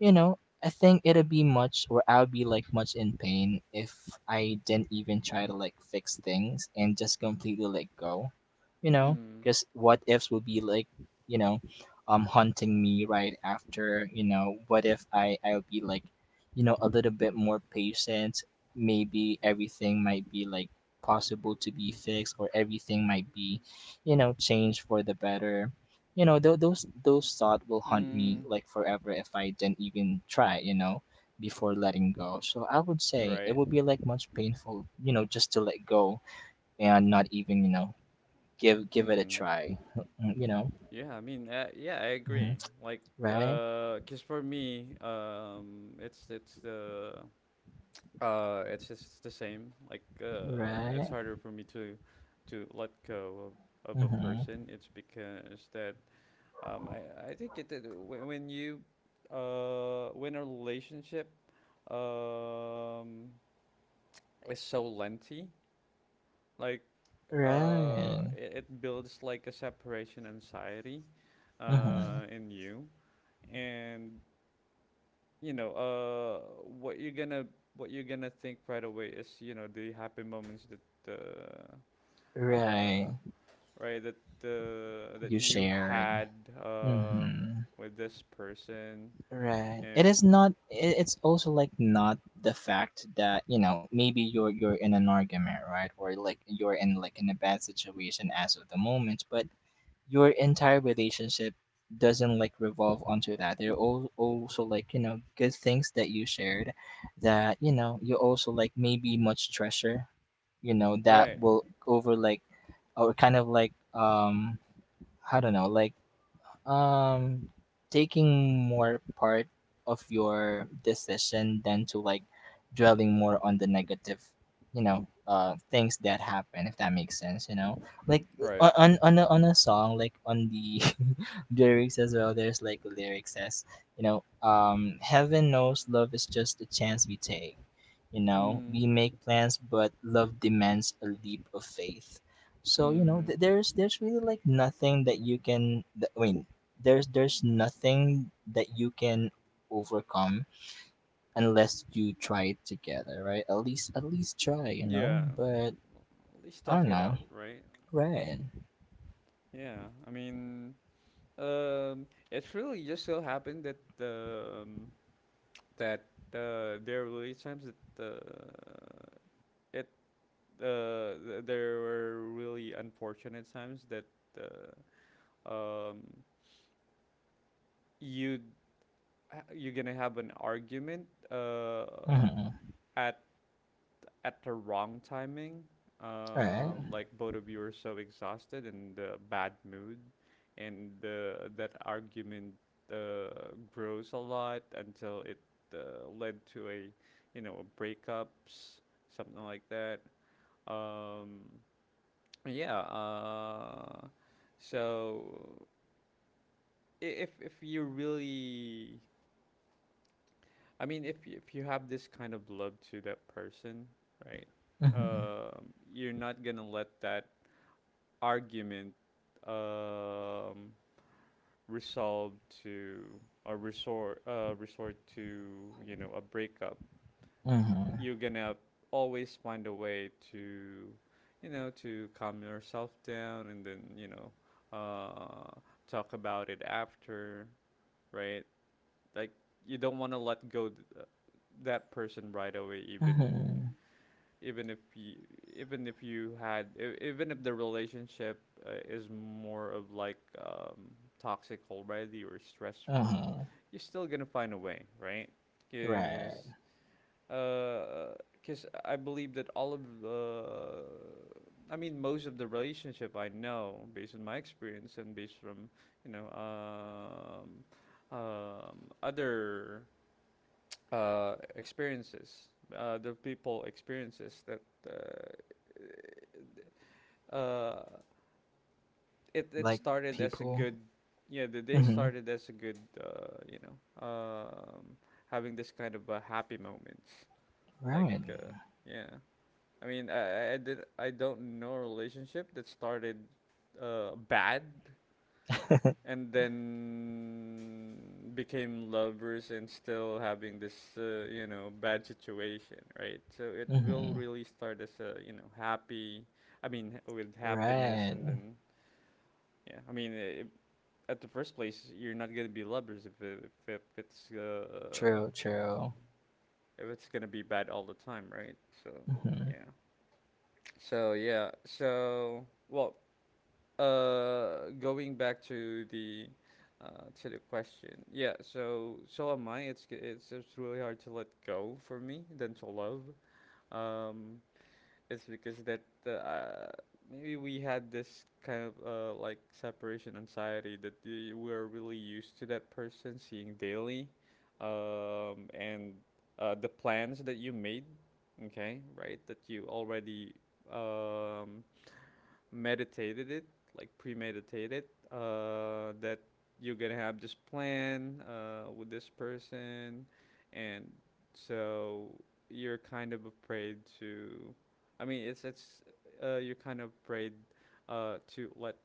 [SPEAKER 2] you know, I think it'd be much, or I would be like much in pain if I didn't even try to like fix things and just completely let go, you know,
[SPEAKER 1] Mm.
[SPEAKER 2] because what ifs would be like, you know, haunting me right after, you know, what if I would be like, you know, a little bit more patient, maybe everything might be like possible to be fixed, or everything might be, you know, changed for the better, you know, those thoughts will haunt me
[SPEAKER 1] Mm.
[SPEAKER 2] like forever if I didn't even try, you know, before letting go. So I would say it
[SPEAKER 1] Right.
[SPEAKER 2] would be like much painful, you know, just to let go, and not even, you know, give it a
[SPEAKER 1] Mm.
[SPEAKER 2] try. You know.
[SPEAKER 1] Yeah, I mean, yeah, I
[SPEAKER 2] Hmm.
[SPEAKER 1] agree. Like,
[SPEAKER 2] Right,
[SPEAKER 1] 'cause for me, it's just the same. Like, it's
[SPEAKER 2] right.
[SPEAKER 1] harder for me to let go of a
[SPEAKER 2] Mm-hmm.
[SPEAKER 1] person. It's because that I think, it when a relationship um is so lengthy, like
[SPEAKER 2] Right.
[SPEAKER 1] it builds like a separation anxiety
[SPEAKER 2] Mm-hmm.
[SPEAKER 1] in you. And you know what you're gonna think right away is the happy moments that uh uh
[SPEAKER 2] Right.
[SPEAKER 1] right that that
[SPEAKER 2] You
[SPEAKER 1] you
[SPEAKER 2] shared.
[SPEAKER 1] had, um
[SPEAKER 2] Mm-hmm.
[SPEAKER 1] with this person.
[SPEAKER 2] Right. It is
[SPEAKER 1] And
[SPEAKER 2] not. It's also like not the fact that you know maybe you're in an argument, right, or like you're in like in a bad situation as of the moment, but your entire relationship doesn't like revolve onto that. There are also like you know good things that you shared, that you know you also like maybe much treasure, you know that
[SPEAKER 1] right.
[SPEAKER 2] will over like or kind of like I don't know, like um taking more part of your decision than to like dwelling more on the negative you know things that happen, if that makes sense, you know, like
[SPEAKER 1] Right.
[SPEAKER 2] on a song, like on the lyrics as well, there's like lyrics says, you know, heaven knows love is just a chance we take, you know,
[SPEAKER 1] Mm.
[SPEAKER 2] we make plans but love demands a leap of faith. So you know
[SPEAKER 1] Mm.
[SPEAKER 2] there's really like nothing that you can there's nothing that you can overcome unless you try it together, right? At least try, you know.
[SPEAKER 1] Yeah,
[SPEAKER 2] But
[SPEAKER 1] at least
[SPEAKER 2] I
[SPEAKER 1] talk
[SPEAKER 2] don't
[SPEAKER 1] it
[SPEAKER 2] know,
[SPEAKER 1] out, right?
[SPEAKER 2] right?
[SPEAKER 1] Yeah, I mean, it really just so happened that, that there were really times that it th- there were really unfortunate times that uh, um, you you're gonna have an argument
[SPEAKER 2] Mm-hmm.
[SPEAKER 1] at at the wrong timing.
[SPEAKER 2] Right.
[SPEAKER 1] Like both of you are so exhausted and bad mood, and that argument grows a lot until it led to a you know breakups, something like that. Um, Yeah. So if you really, I mean, if you have this kind of love to that person, right?
[SPEAKER 2] Mm-hmm.
[SPEAKER 1] You're not gonna let that argument um, resolve to or resort, resort to a breakup.
[SPEAKER 2] Mm-hmm.
[SPEAKER 1] You're gonna always find a way to calm yourself down, and then, uh talk about it after. Right, like you don't want to let go that person right away,
[SPEAKER 2] Mm-hmm.
[SPEAKER 1] even if you even if you had e- even if the relationship is more of like toxic already or stressful.
[SPEAKER 2] Mm-hmm.
[SPEAKER 1] You're still gonna find a way, right?
[SPEAKER 2] Right.
[SPEAKER 1] Because uh because uh, i believe that all of the I mean, most of the relationship I know based on my experience and based from you know um, other experiences, the people experiences that uh, uh it
[SPEAKER 2] Like
[SPEAKER 1] started as a
[SPEAKER 2] people.
[SPEAKER 1] good. Yeah, the day
[SPEAKER 2] Mm-hmm.
[SPEAKER 1] started as a good, uh you know um having this kind of happy moments, like
[SPEAKER 2] Right.
[SPEAKER 1] yeah. I mean, I don't know a relationship that started bad and then became lovers and still having this you know bad situation, right? So it will
[SPEAKER 2] Mm-hmm.
[SPEAKER 1] really start as a, happy, I mean with happiness.
[SPEAKER 2] Right.
[SPEAKER 1] And then, yeah, I mean, I at the first place you're not gonna be lovers if it's
[SPEAKER 2] True. True.
[SPEAKER 1] gonna be bad all the time, right? So
[SPEAKER 2] Mm-hmm.
[SPEAKER 1] yeah. So yeah. So, well, going back to the question. Yeah. So am I. It's g- it's really hard to let go for me than to love. Um, it's because that uh, maybe we had this kind of separation anxiety that we're really used to that person seeing daily, and the plans that you made, okay, right? That you already um meditated it, like premeditated, that you're gonna have this plan with this person, and so you're kind of afraid to. I mean, it's you're kind of afraid to let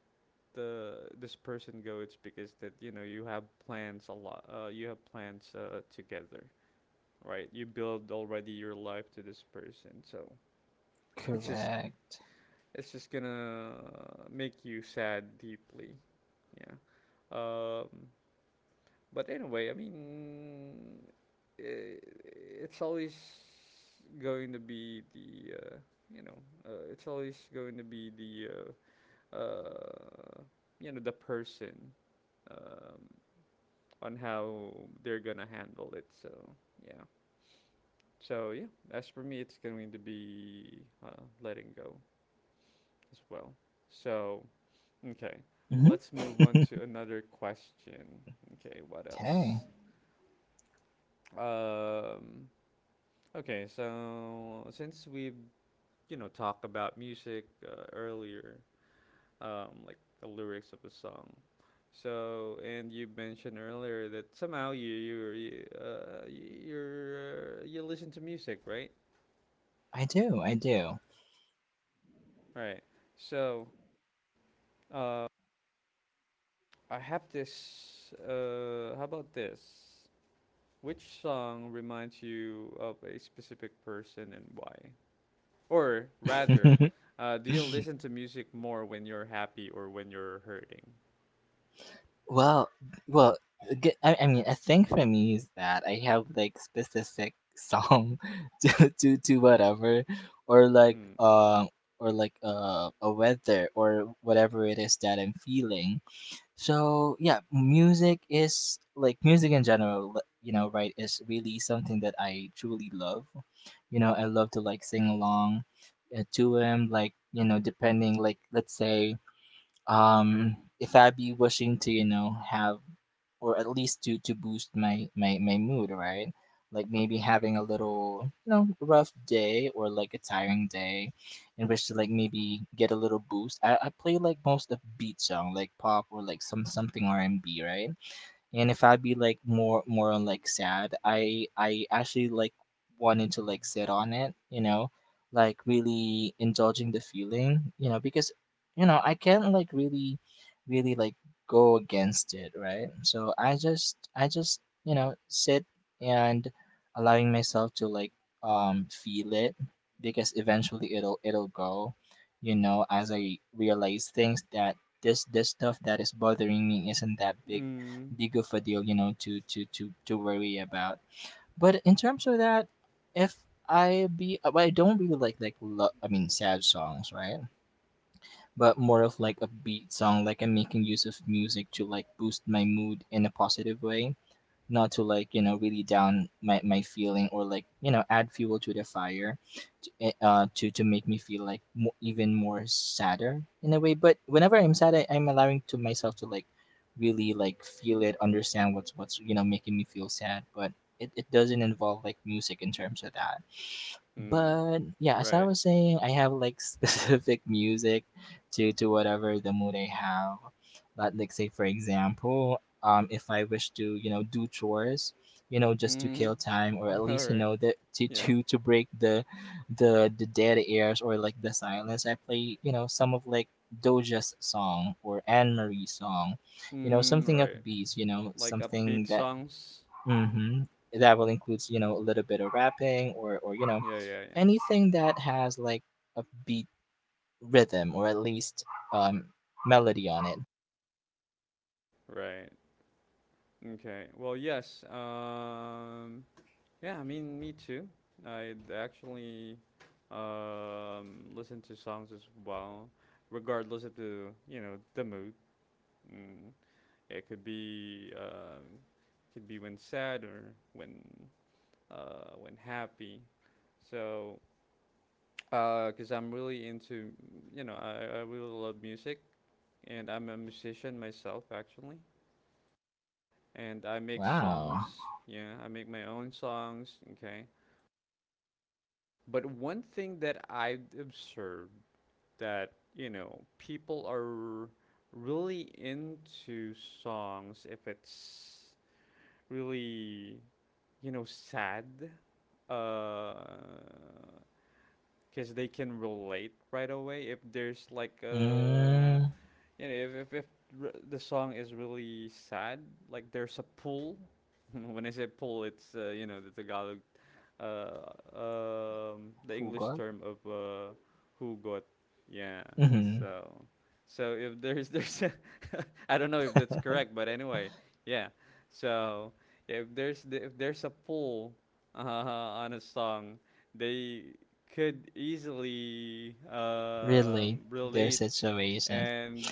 [SPEAKER 1] the this person go. It's because that you know you have plans a lot. You have plans together, right? You build already your life to this person, so it's just
[SPEAKER 2] Correct.
[SPEAKER 1] it's just gonna make you sad deeply. Yeah. Um, but anyway, I mean, I it's always going to be the you know it's always going to be the uh, the person, um, on how they're gonna handle it. So yeah. So yeah, as for me, it's going to be letting go as well. So okay, let's move on
[SPEAKER 2] Mm-hmm.
[SPEAKER 1] to another question. Okay, what
[SPEAKER 2] Okay.
[SPEAKER 1] else? Um, okay, so since we've, you know, talked about music earlier, like the lyrics of a song. So, and you mentioned earlier that somehow you you you y- you're you listen to music, right?
[SPEAKER 2] I do. I do.
[SPEAKER 1] Right. So, uh, I have this. How about this? Which song reminds you of a specific person and why? Or rather, do you listen to music more when you're happy or when you're hurting?
[SPEAKER 2] Well, well, I mean, a thing for me is that I have like specific song to whatever, or like
[SPEAKER 1] Mm.
[SPEAKER 2] um or like a weather, or whatever it is that I'm feeling. So yeah, music is like music in general. You know, right? Is really something that I truly love. You know, I love to like sing along to him. Like you know, depending, like let's say if I be wishing to, you know, have or at least to boost my my mood, right, like maybe having a little you know rough day or like a tiring day in which to like maybe get a little boost, I play like most of beat song, like pop or like some something R&B, right. And if I be like more on like sad, I actually like wanted to like sit on it, you know, like really indulging the feeling, you know, because you know I can't like really really like go against it, right, so I just you know sit and allowing myself to like feel it because eventually it'll go, you know, as I realize things that this stuff that is bothering me isn't that big
[SPEAKER 1] Mm.
[SPEAKER 2] the good a deal, you know, to worry about. But in terms of that, if I be well, I don't really like like sad songs, right? But more of like a beat song. Like I'm making use of music to like boost my mood in a positive way, not to like you know really down my feeling, or like you know add fuel to the fire to, to make me feel like even more sadder in a way. But whenever I'm sad, I'm allowing to myself to like really like feel it, understand what's you know making me feel sad, but it doesn't involve like music in terms of that.
[SPEAKER 1] Mm.
[SPEAKER 2] But yeah, as I
[SPEAKER 1] Right.
[SPEAKER 2] was saying, I have like specific music to whatever the mood I have. But like say for example, if I wish to you know do chores, you know just to
[SPEAKER 1] Mm.
[SPEAKER 2] kill time, or at
[SPEAKER 1] All
[SPEAKER 2] least you
[SPEAKER 1] right.
[SPEAKER 2] know the to
[SPEAKER 1] Yeah.
[SPEAKER 2] to to break the the dead airs or like the silence, I play you know some of like Doja's song or Anne Marie's song, you know
[SPEAKER 1] Mm.
[SPEAKER 2] something
[SPEAKER 1] Right.
[SPEAKER 2] upbeat, you know
[SPEAKER 1] Like
[SPEAKER 2] something
[SPEAKER 1] upbeat
[SPEAKER 2] that
[SPEAKER 1] songs.
[SPEAKER 2] hmm that will include, you know, a little bit of rapping, or you know,
[SPEAKER 1] Yeah. Yeah. Yeah.
[SPEAKER 2] anything that has like a beat rhythm, or at least um melody on it.
[SPEAKER 1] Right. Okay. Well, yes. Yeah, I mean, me too. I actually listen to songs as well, regardless of the you know the mood. Mm, it could be when sad or when happy. So, because I'm really into I really love music, and I'm a musician myself actually, and I make
[SPEAKER 2] Wow.
[SPEAKER 1] songs. Yeah, I make my own songs. Okay, but one thing that I've observed that, you know, people are really into songs if it's really, you know, sad, because they can relate right away. If there's like a,
[SPEAKER 2] Mm,
[SPEAKER 1] you know, if r- the song is really sad, like there's a pull. When I say pull, it's, you know, the Tagalog uh, the
[SPEAKER 2] who
[SPEAKER 1] English
[SPEAKER 2] got?
[SPEAKER 1] term of who got, yeah.
[SPEAKER 2] Mm-hmm.
[SPEAKER 1] So, so if there's a I don't know if that's correct, but anyway, yeah. So if there's a pull uh, on a song, they could easily
[SPEAKER 2] Relate their
[SPEAKER 1] relate
[SPEAKER 2] situation.
[SPEAKER 1] and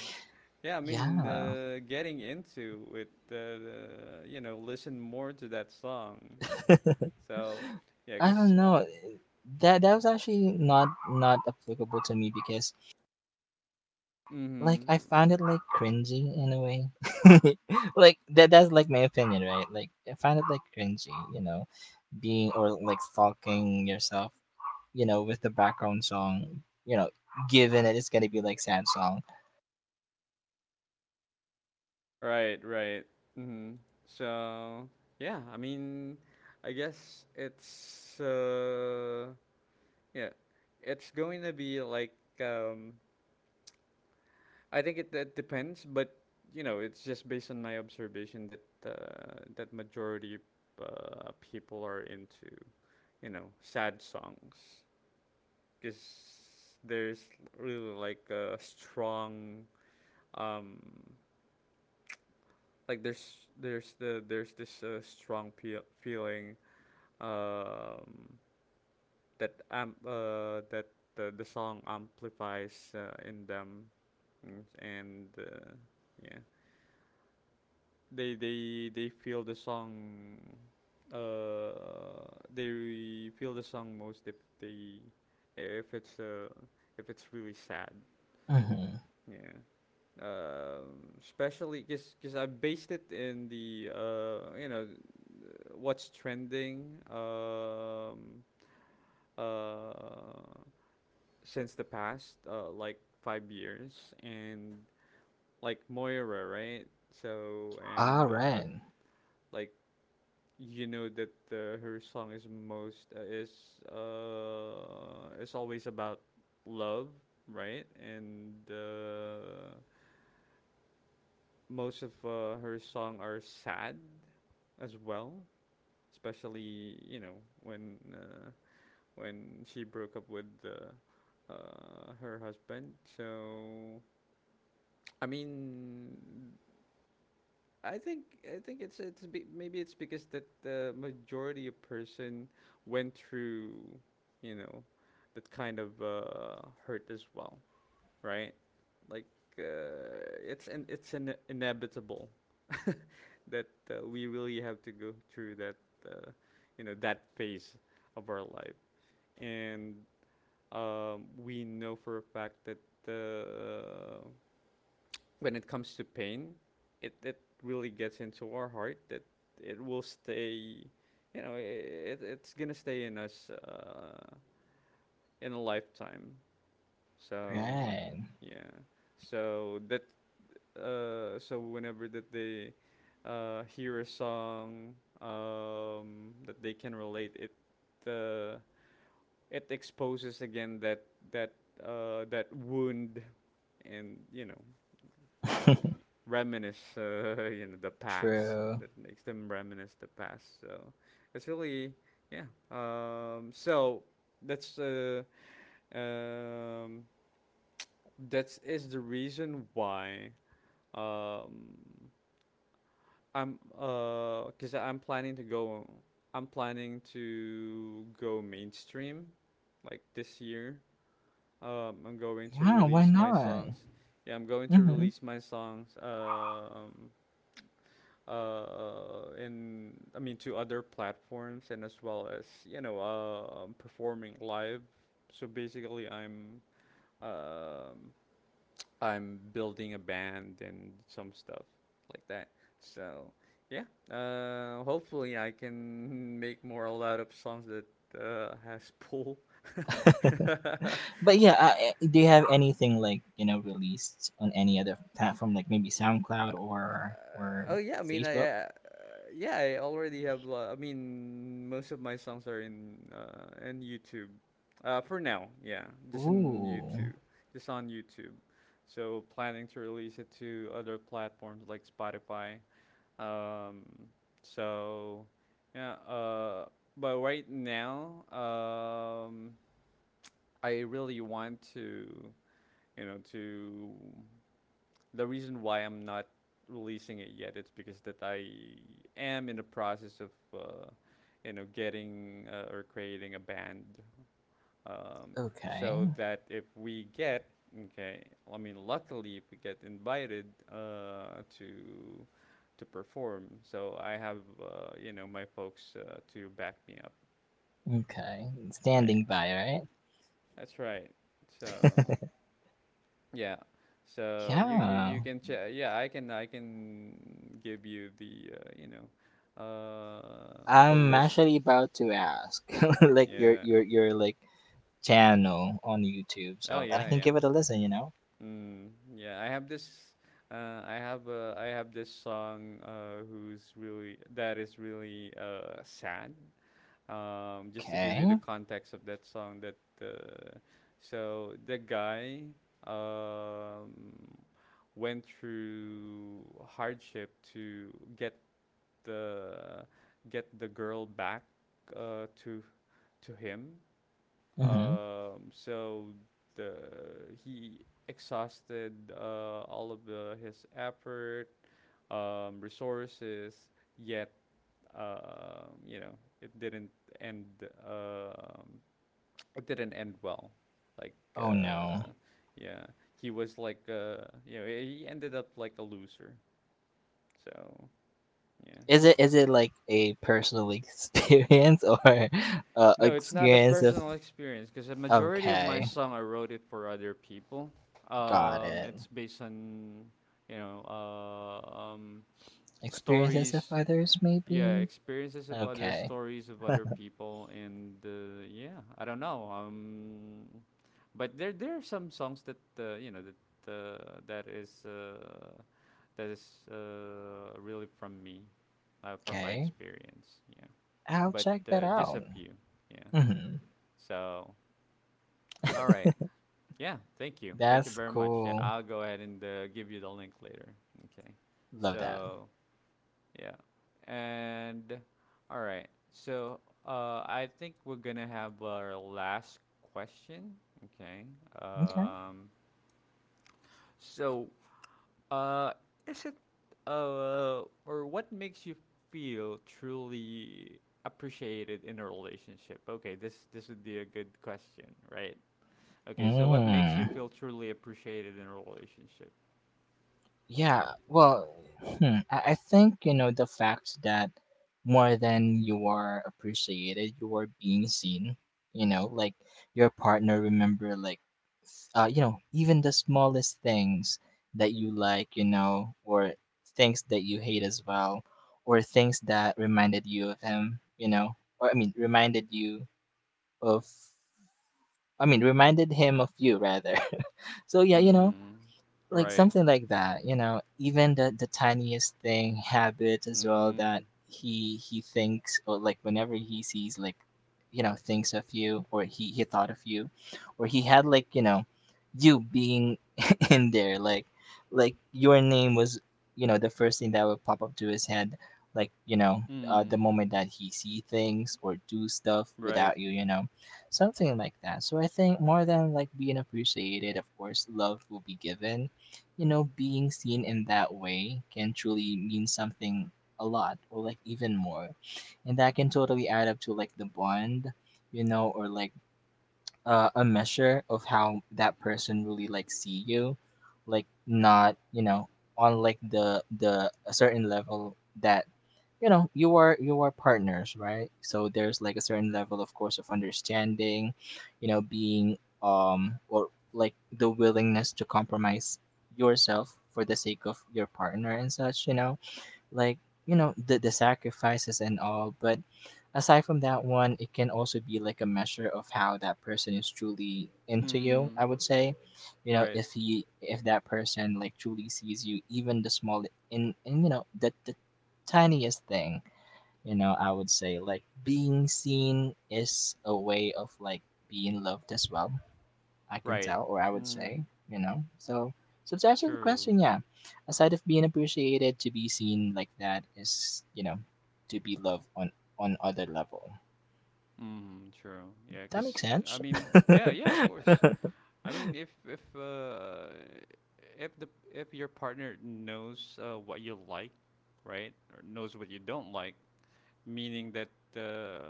[SPEAKER 1] yeah, I mean
[SPEAKER 2] Yeah.
[SPEAKER 1] getting into it, you know, listen more to that song. So yeah,
[SPEAKER 2] I don't
[SPEAKER 1] because
[SPEAKER 2] know. That that was actually not applicable to me because like I
[SPEAKER 1] mm-hmm.
[SPEAKER 2] found it like cringy in a way. Like that that's like my opinion, right? Like I found it like cringy, you know, being or like stalking yourself, you know, with the background song, you know, given that it's gonna be like sad song.
[SPEAKER 1] Right, right. Mm-hmm. So yeah, I mean, I guess it's yeah, it's going to be like um I think it depends, but you know, it's just based on my observation that that majority people are into you know sad songs because there's really like a strong um like there's there's this strong peel feeling um that the song amplifies in them. Mm, and yeah, they feel the song, uh they feel the song most if they, if it's uh if it's really sad,
[SPEAKER 2] Mm-hmm.
[SPEAKER 1] yeah. Especially because I based it in the you know what's trending, uh, since the past like 5 years, and like Moira, right? So
[SPEAKER 2] All
[SPEAKER 1] and
[SPEAKER 2] right,
[SPEAKER 1] like you know that her song is most is always about love, right? And most of her song are sad as well, especially you know when she broke up with her husband. So I mean, I think it's maybe it's because that the majority of person went through, you know, that kind of hurt as well, right? Like it's an inevitable that we really have to go through that, uh, you know, that phase of our life, and we know for a fact that uh, when it comes to pain, it really gets into our heart that it will stay, you know, it's gonna stay in us in a lifetime. So
[SPEAKER 2] right,
[SPEAKER 1] yeah, so that so whenever that they hear a song that they can relate, it exposes again that that wound, and you know reminisce you know the past.
[SPEAKER 2] true.
[SPEAKER 1] That makes them reminisce the past. So it's really yeah. So that's uh, um, that is the reason why um, I'm cause I'm planning to go. I'm planning to go mainstream, like this year. I'm going to
[SPEAKER 2] Yeah, why
[SPEAKER 1] release my
[SPEAKER 2] not?
[SPEAKER 1] songs. Yeah, I'm going to
[SPEAKER 2] Mm-hmm.
[SPEAKER 1] release my songs. In I mean to other platforms and as well as you know performing live. So basically, um, I'm building a band and some stuff like that. So yeah, hopefully I can make more a lot of songs that has pull.
[SPEAKER 2] But yeah, do you have anything like you know released on any other platform, like maybe SoundCloud or
[SPEAKER 1] Uh, oh yeah, I mean I
[SPEAKER 2] Facebook?
[SPEAKER 1] yeah I already have. I mean most of my songs are in YouTube. For now, yeah, just in
[SPEAKER 2] Ooh,
[SPEAKER 1] YouTube, just on YouTube. So planning to release it to other platforms like Spotify. Um, so yeah. But right now, I really want to you know to the reason why I'm not releasing it yet it's because that I am in the process of you know getting or creating a band, um,
[SPEAKER 2] okay,
[SPEAKER 1] so that if we get okay I mean luckily if we get invited to perform so I have you know my folks to back me up
[SPEAKER 2] okay,
[SPEAKER 1] right
[SPEAKER 2] standing by, right?
[SPEAKER 1] that's right so yeah. So you
[SPEAKER 2] Yeah.
[SPEAKER 1] can check. Yeah, I can give you the you know the
[SPEAKER 2] I'm
[SPEAKER 1] list.
[SPEAKER 2] actually about to ask, like your
[SPEAKER 1] Yeah.
[SPEAKER 2] your your like channel on YouTube,
[SPEAKER 1] Oh
[SPEAKER 2] so that I
[SPEAKER 1] yeah,
[SPEAKER 2] can
[SPEAKER 1] yeah.
[SPEAKER 2] give it a listen. You know?
[SPEAKER 1] Mm, yeah, I have this I have this song who's really that is really sad. Just to give
[SPEAKER 2] Okay.
[SPEAKER 1] you the context of that song, that so the guy, um, went through hardship to get the girl back uh, to to him.
[SPEAKER 2] Mm-hmm.
[SPEAKER 1] So the he exhausted all of the, his effort, resources, yet you know it didn't end. Um, it didn't end well. Like
[SPEAKER 2] Oh no.
[SPEAKER 1] yeah, he was like you know he ended up like a loser. So yeah.
[SPEAKER 2] Is it like a personal experience or
[SPEAKER 1] No, it's not a
[SPEAKER 2] experience of?
[SPEAKER 1] personal experience because the majority of my
[SPEAKER 2] Okay,
[SPEAKER 1] song I wrote it for other people.
[SPEAKER 2] got it.
[SPEAKER 1] It's based on you know
[SPEAKER 2] Experiences of
[SPEAKER 1] stories
[SPEAKER 2] others,
[SPEAKER 1] yeah
[SPEAKER 2] maybe.
[SPEAKER 1] experiences of other
[SPEAKER 2] Okay.
[SPEAKER 1] stories of other people and yeah I don't know but there are some songs that you know that that is really from me, from my
[SPEAKER 2] Okay.
[SPEAKER 1] experience, yeah,
[SPEAKER 2] I'll
[SPEAKER 1] but
[SPEAKER 2] check that
[SPEAKER 1] just a
[SPEAKER 2] out.
[SPEAKER 1] few, yeah.
[SPEAKER 2] Mm-hmm.
[SPEAKER 1] So all right, yeah, thank you
[SPEAKER 2] That's
[SPEAKER 1] very much, yeah
[SPEAKER 2] cool.
[SPEAKER 1] I'll go ahead and give you the link later. Okay,
[SPEAKER 2] Love that.
[SPEAKER 1] so yeah. And all right. So I think we're gonna have our last question. Okay.
[SPEAKER 2] Okay.
[SPEAKER 1] Um, so uh, is it or what makes you feel truly appreciated in a relationship? Okay, this would be a good question, right? Okay, so what makes you
[SPEAKER 2] Mm.
[SPEAKER 1] feel truly appreciated in a relationship?
[SPEAKER 2] Yeah, well, hmm, I think, you know, the fact that more than you are appreciated, you are being seen, you know, like your partner remember like you know, even the smallest things that you like, you know, or things that you hate as well, or things that reminded you of him, you know, or I mean, reminded you of, I mean, reminded him of you rather. So yeah, you know,
[SPEAKER 1] Mm.
[SPEAKER 2] like
[SPEAKER 1] Right.
[SPEAKER 2] something like that, you know, even the tiniest thing habits as well
[SPEAKER 1] Mm.
[SPEAKER 2] that he thinks, or like whenever he sees like you know thinks of you, or he thought of you, or he had like you know you being in there, like your name was you know the first thing that would pop up to his head like you know the moment
[SPEAKER 1] Mm.
[SPEAKER 2] that he see things or do stuff
[SPEAKER 1] Right.
[SPEAKER 2] without you, you know, something like that. So I think more than like being appreciated, of course love will be given, you know, being seen in that way can truly mean something a lot or like even more. And that can totally add up to like the bond, you know, or like a measure of how that person really like see you, like not, you know, on like the a certain level that you know you are partners, right, so there's like a certain level of course of understanding, you know, being or like the willingness to compromise yourself for the sake of your partner and such, you know, like you know the sacrifices and all. But aside from that one, it can also be like a measure of how that person is truly into you, I
[SPEAKER 1] Mm.
[SPEAKER 2] would say, you know,
[SPEAKER 1] Right,
[SPEAKER 2] if he if that person like truly sees you, even the small in you know the tiniest thing, you know, I would say like being seen is a way of like being loved as well, I can
[SPEAKER 1] right.
[SPEAKER 2] tell, or I would say,
[SPEAKER 1] Mm,
[SPEAKER 2] you know. So, so to answer the
[SPEAKER 1] true.
[SPEAKER 2] question, yeah, aside of being appreciated, to be seen like that is, you know, to be loved on other level.
[SPEAKER 1] Mm, true. Yeah.
[SPEAKER 2] That makes
[SPEAKER 1] Cause I
[SPEAKER 2] sense.
[SPEAKER 1] mean, yeah, yeah, of course. I mean, if the if your partner knows what you like, right, or knows what you don't like, meaning that uh,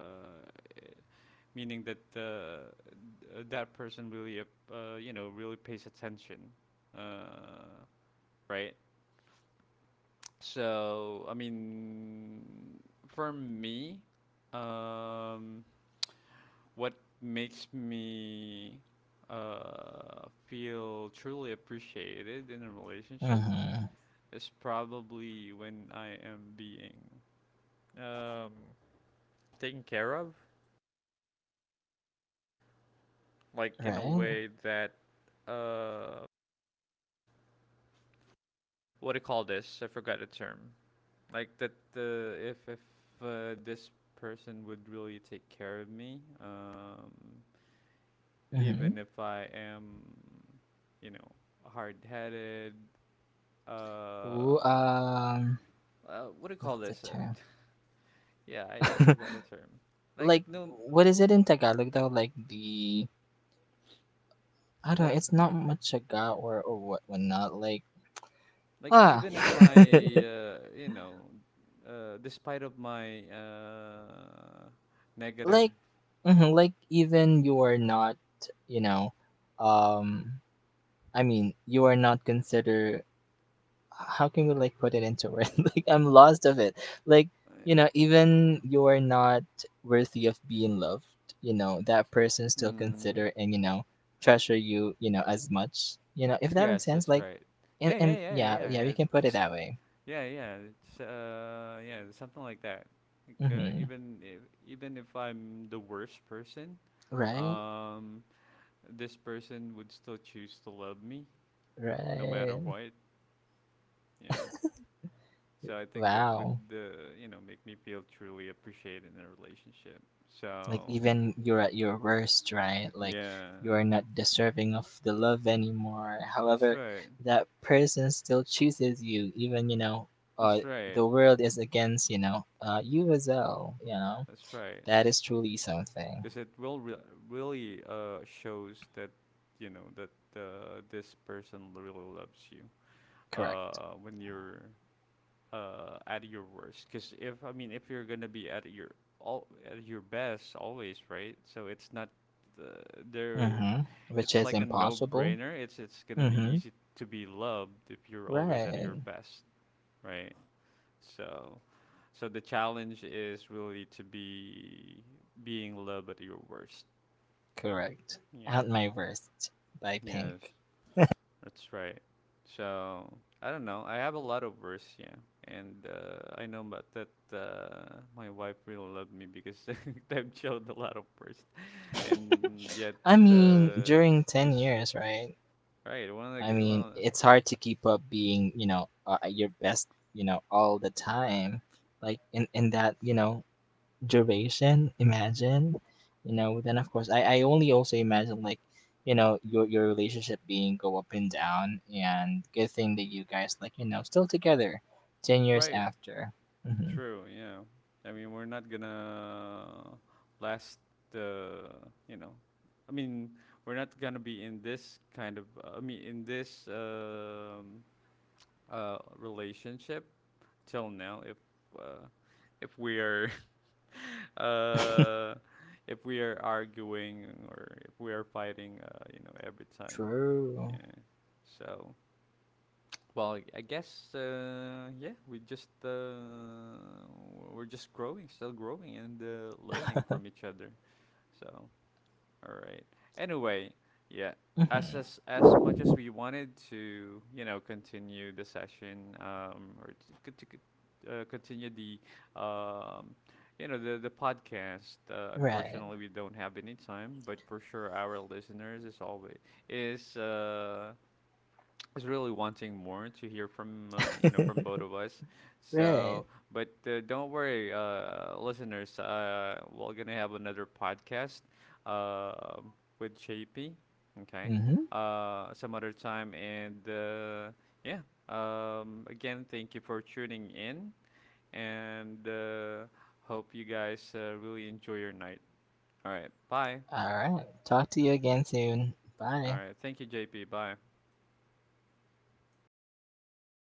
[SPEAKER 1] meaning that uh, that person really, you know, really pays attention, uh, right? So, I mean, for me, um, what makes me feel truly appreciated in a relationship
[SPEAKER 2] Mm-hmm.
[SPEAKER 1] is probably when I am being um, taken care of, like in a
[SPEAKER 2] Right?
[SPEAKER 1] way that uh, what do you call this? I forgot the term. Like that, if this person would really take care of me,
[SPEAKER 2] Mm-hmm.
[SPEAKER 1] even if I am, you know, hard-headed.
[SPEAKER 2] Ooh,
[SPEAKER 1] Uh, what do you
[SPEAKER 2] what's
[SPEAKER 1] call
[SPEAKER 2] the
[SPEAKER 1] this?
[SPEAKER 2] term?
[SPEAKER 1] Yeah, I forgot a term. Like
[SPEAKER 2] Like,
[SPEAKER 1] no,
[SPEAKER 2] what is it in Tagalog though? Like the, I don't know,
[SPEAKER 1] like
[SPEAKER 2] it's not machaga or what, whatnot. Like,
[SPEAKER 1] like
[SPEAKER 2] ah,
[SPEAKER 1] even in my, you know, despite of my negative.
[SPEAKER 2] like mhm, like even you are not you know um I mean you are not consider, how can we like put it into words, like I'm lost of it, like you know even you are not worthy of being loved, you know that person still
[SPEAKER 1] Mm,
[SPEAKER 2] consider and you know treasure you, you know, as much, you know, if that makes
[SPEAKER 1] yes,
[SPEAKER 2] sense,
[SPEAKER 1] that's
[SPEAKER 2] like
[SPEAKER 1] right. Yeah, yeah,
[SPEAKER 2] and
[SPEAKER 1] yeah, yeah,
[SPEAKER 2] yeah
[SPEAKER 1] yeah.
[SPEAKER 2] yeah
[SPEAKER 1] yeah.
[SPEAKER 2] we can put it
[SPEAKER 1] That's,
[SPEAKER 2] that way.
[SPEAKER 1] yeah, yeah. It's yeah, something like that. Like
[SPEAKER 2] Hmm,
[SPEAKER 1] even if I'm the worst person,
[SPEAKER 2] right,
[SPEAKER 1] um, this person would still choose to love me no matter
[SPEAKER 2] right,
[SPEAKER 1] what. Yeah. So I think that would,
[SPEAKER 2] wow.
[SPEAKER 1] you know, make me feel truly appreciated in a relationship.
[SPEAKER 2] Like
[SPEAKER 1] So,
[SPEAKER 2] even you're at your worst, right? Like
[SPEAKER 1] yeah.
[SPEAKER 2] you are not deserving of the love anymore.
[SPEAKER 1] That's
[SPEAKER 2] However,
[SPEAKER 1] right.
[SPEAKER 2] that person still chooses you, even you know,
[SPEAKER 1] That's
[SPEAKER 2] uh,
[SPEAKER 1] right.
[SPEAKER 2] the world is against you know, you as well. You know,
[SPEAKER 1] That's right.
[SPEAKER 2] that is truly something.
[SPEAKER 1] Because it will really shows that, you know, that this person really loves you
[SPEAKER 2] Correct.
[SPEAKER 1] when you're at your worst. Because if I mean, if you're gonna be at your all at your best always, right? So it's not uh, there.
[SPEAKER 2] Mm-hmm. Which
[SPEAKER 1] It's
[SPEAKER 2] is
[SPEAKER 1] like a
[SPEAKER 2] impossible.
[SPEAKER 1] no-brainer. It's gonna be
[SPEAKER 2] Mm-hmm.
[SPEAKER 1] easy to be loved if you're always at your
[SPEAKER 2] Right.
[SPEAKER 1] best, right? So so the challenge is really to be being loved at your worst.
[SPEAKER 2] Correct.
[SPEAKER 1] Yeah.
[SPEAKER 2] At my worst by
[SPEAKER 1] Yes.
[SPEAKER 2] Pink.
[SPEAKER 1] That's right. So I don't know. I have a lot of words, yeah, and I know about that my wife really loved me because I've showed a lot of words, and yet
[SPEAKER 2] I mean,
[SPEAKER 1] uh,
[SPEAKER 2] during 10
[SPEAKER 1] she's
[SPEAKER 2] years, right?
[SPEAKER 1] right. One of
[SPEAKER 2] I
[SPEAKER 1] the
[SPEAKER 2] mean,
[SPEAKER 1] one of the
[SPEAKER 2] it's hard to keep up being, you know, at your best, you know, all the time. Like in that, you know, duration, imagine, you know, then of course I only also imagine like, you know, your relationship being go up and down, and good thing that you guys like, you know, still together 10 years
[SPEAKER 1] right,
[SPEAKER 2] after. Hmm.
[SPEAKER 1] true. Yeah, I mean we're not gonna last the you know, I mean we're not gonna be in this kind of I mean in this relationship till now uh, if we are uh, if we are arguing or if we are fighting you know every time,
[SPEAKER 2] True.
[SPEAKER 1] yeah. So well I guess yeah we just we're just growing still growing and learning from each other. So all right. Anyway, yeah.
[SPEAKER 2] Hmm.
[SPEAKER 1] As much as we wanted to, you know, continue the session, or to, continue the, um, you know, the podcast.
[SPEAKER 2] Right.
[SPEAKER 1] Unfortunately, we don't have any time, but for sure, our listeners is always is uh, is really wanting more to hear from you know from both of us. So,
[SPEAKER 2] Right.
[SPEAKER 1] but don't worry, listeners. We're gonna have another podcast uh, with JP. Okay,
[SPEAKER 2] Hmm.
[SPEAKER 1] some other time, and yeah. Again, thank you for tuning in, and hope you guys really enjoy your night. All right, bye.
[SPEAKER 2] All right. Talk to you again soon.
[SPEAKER 1] All
[SPEAKER 2] Bye.
[SPEAKER 1] right, thank you, JP. Bye.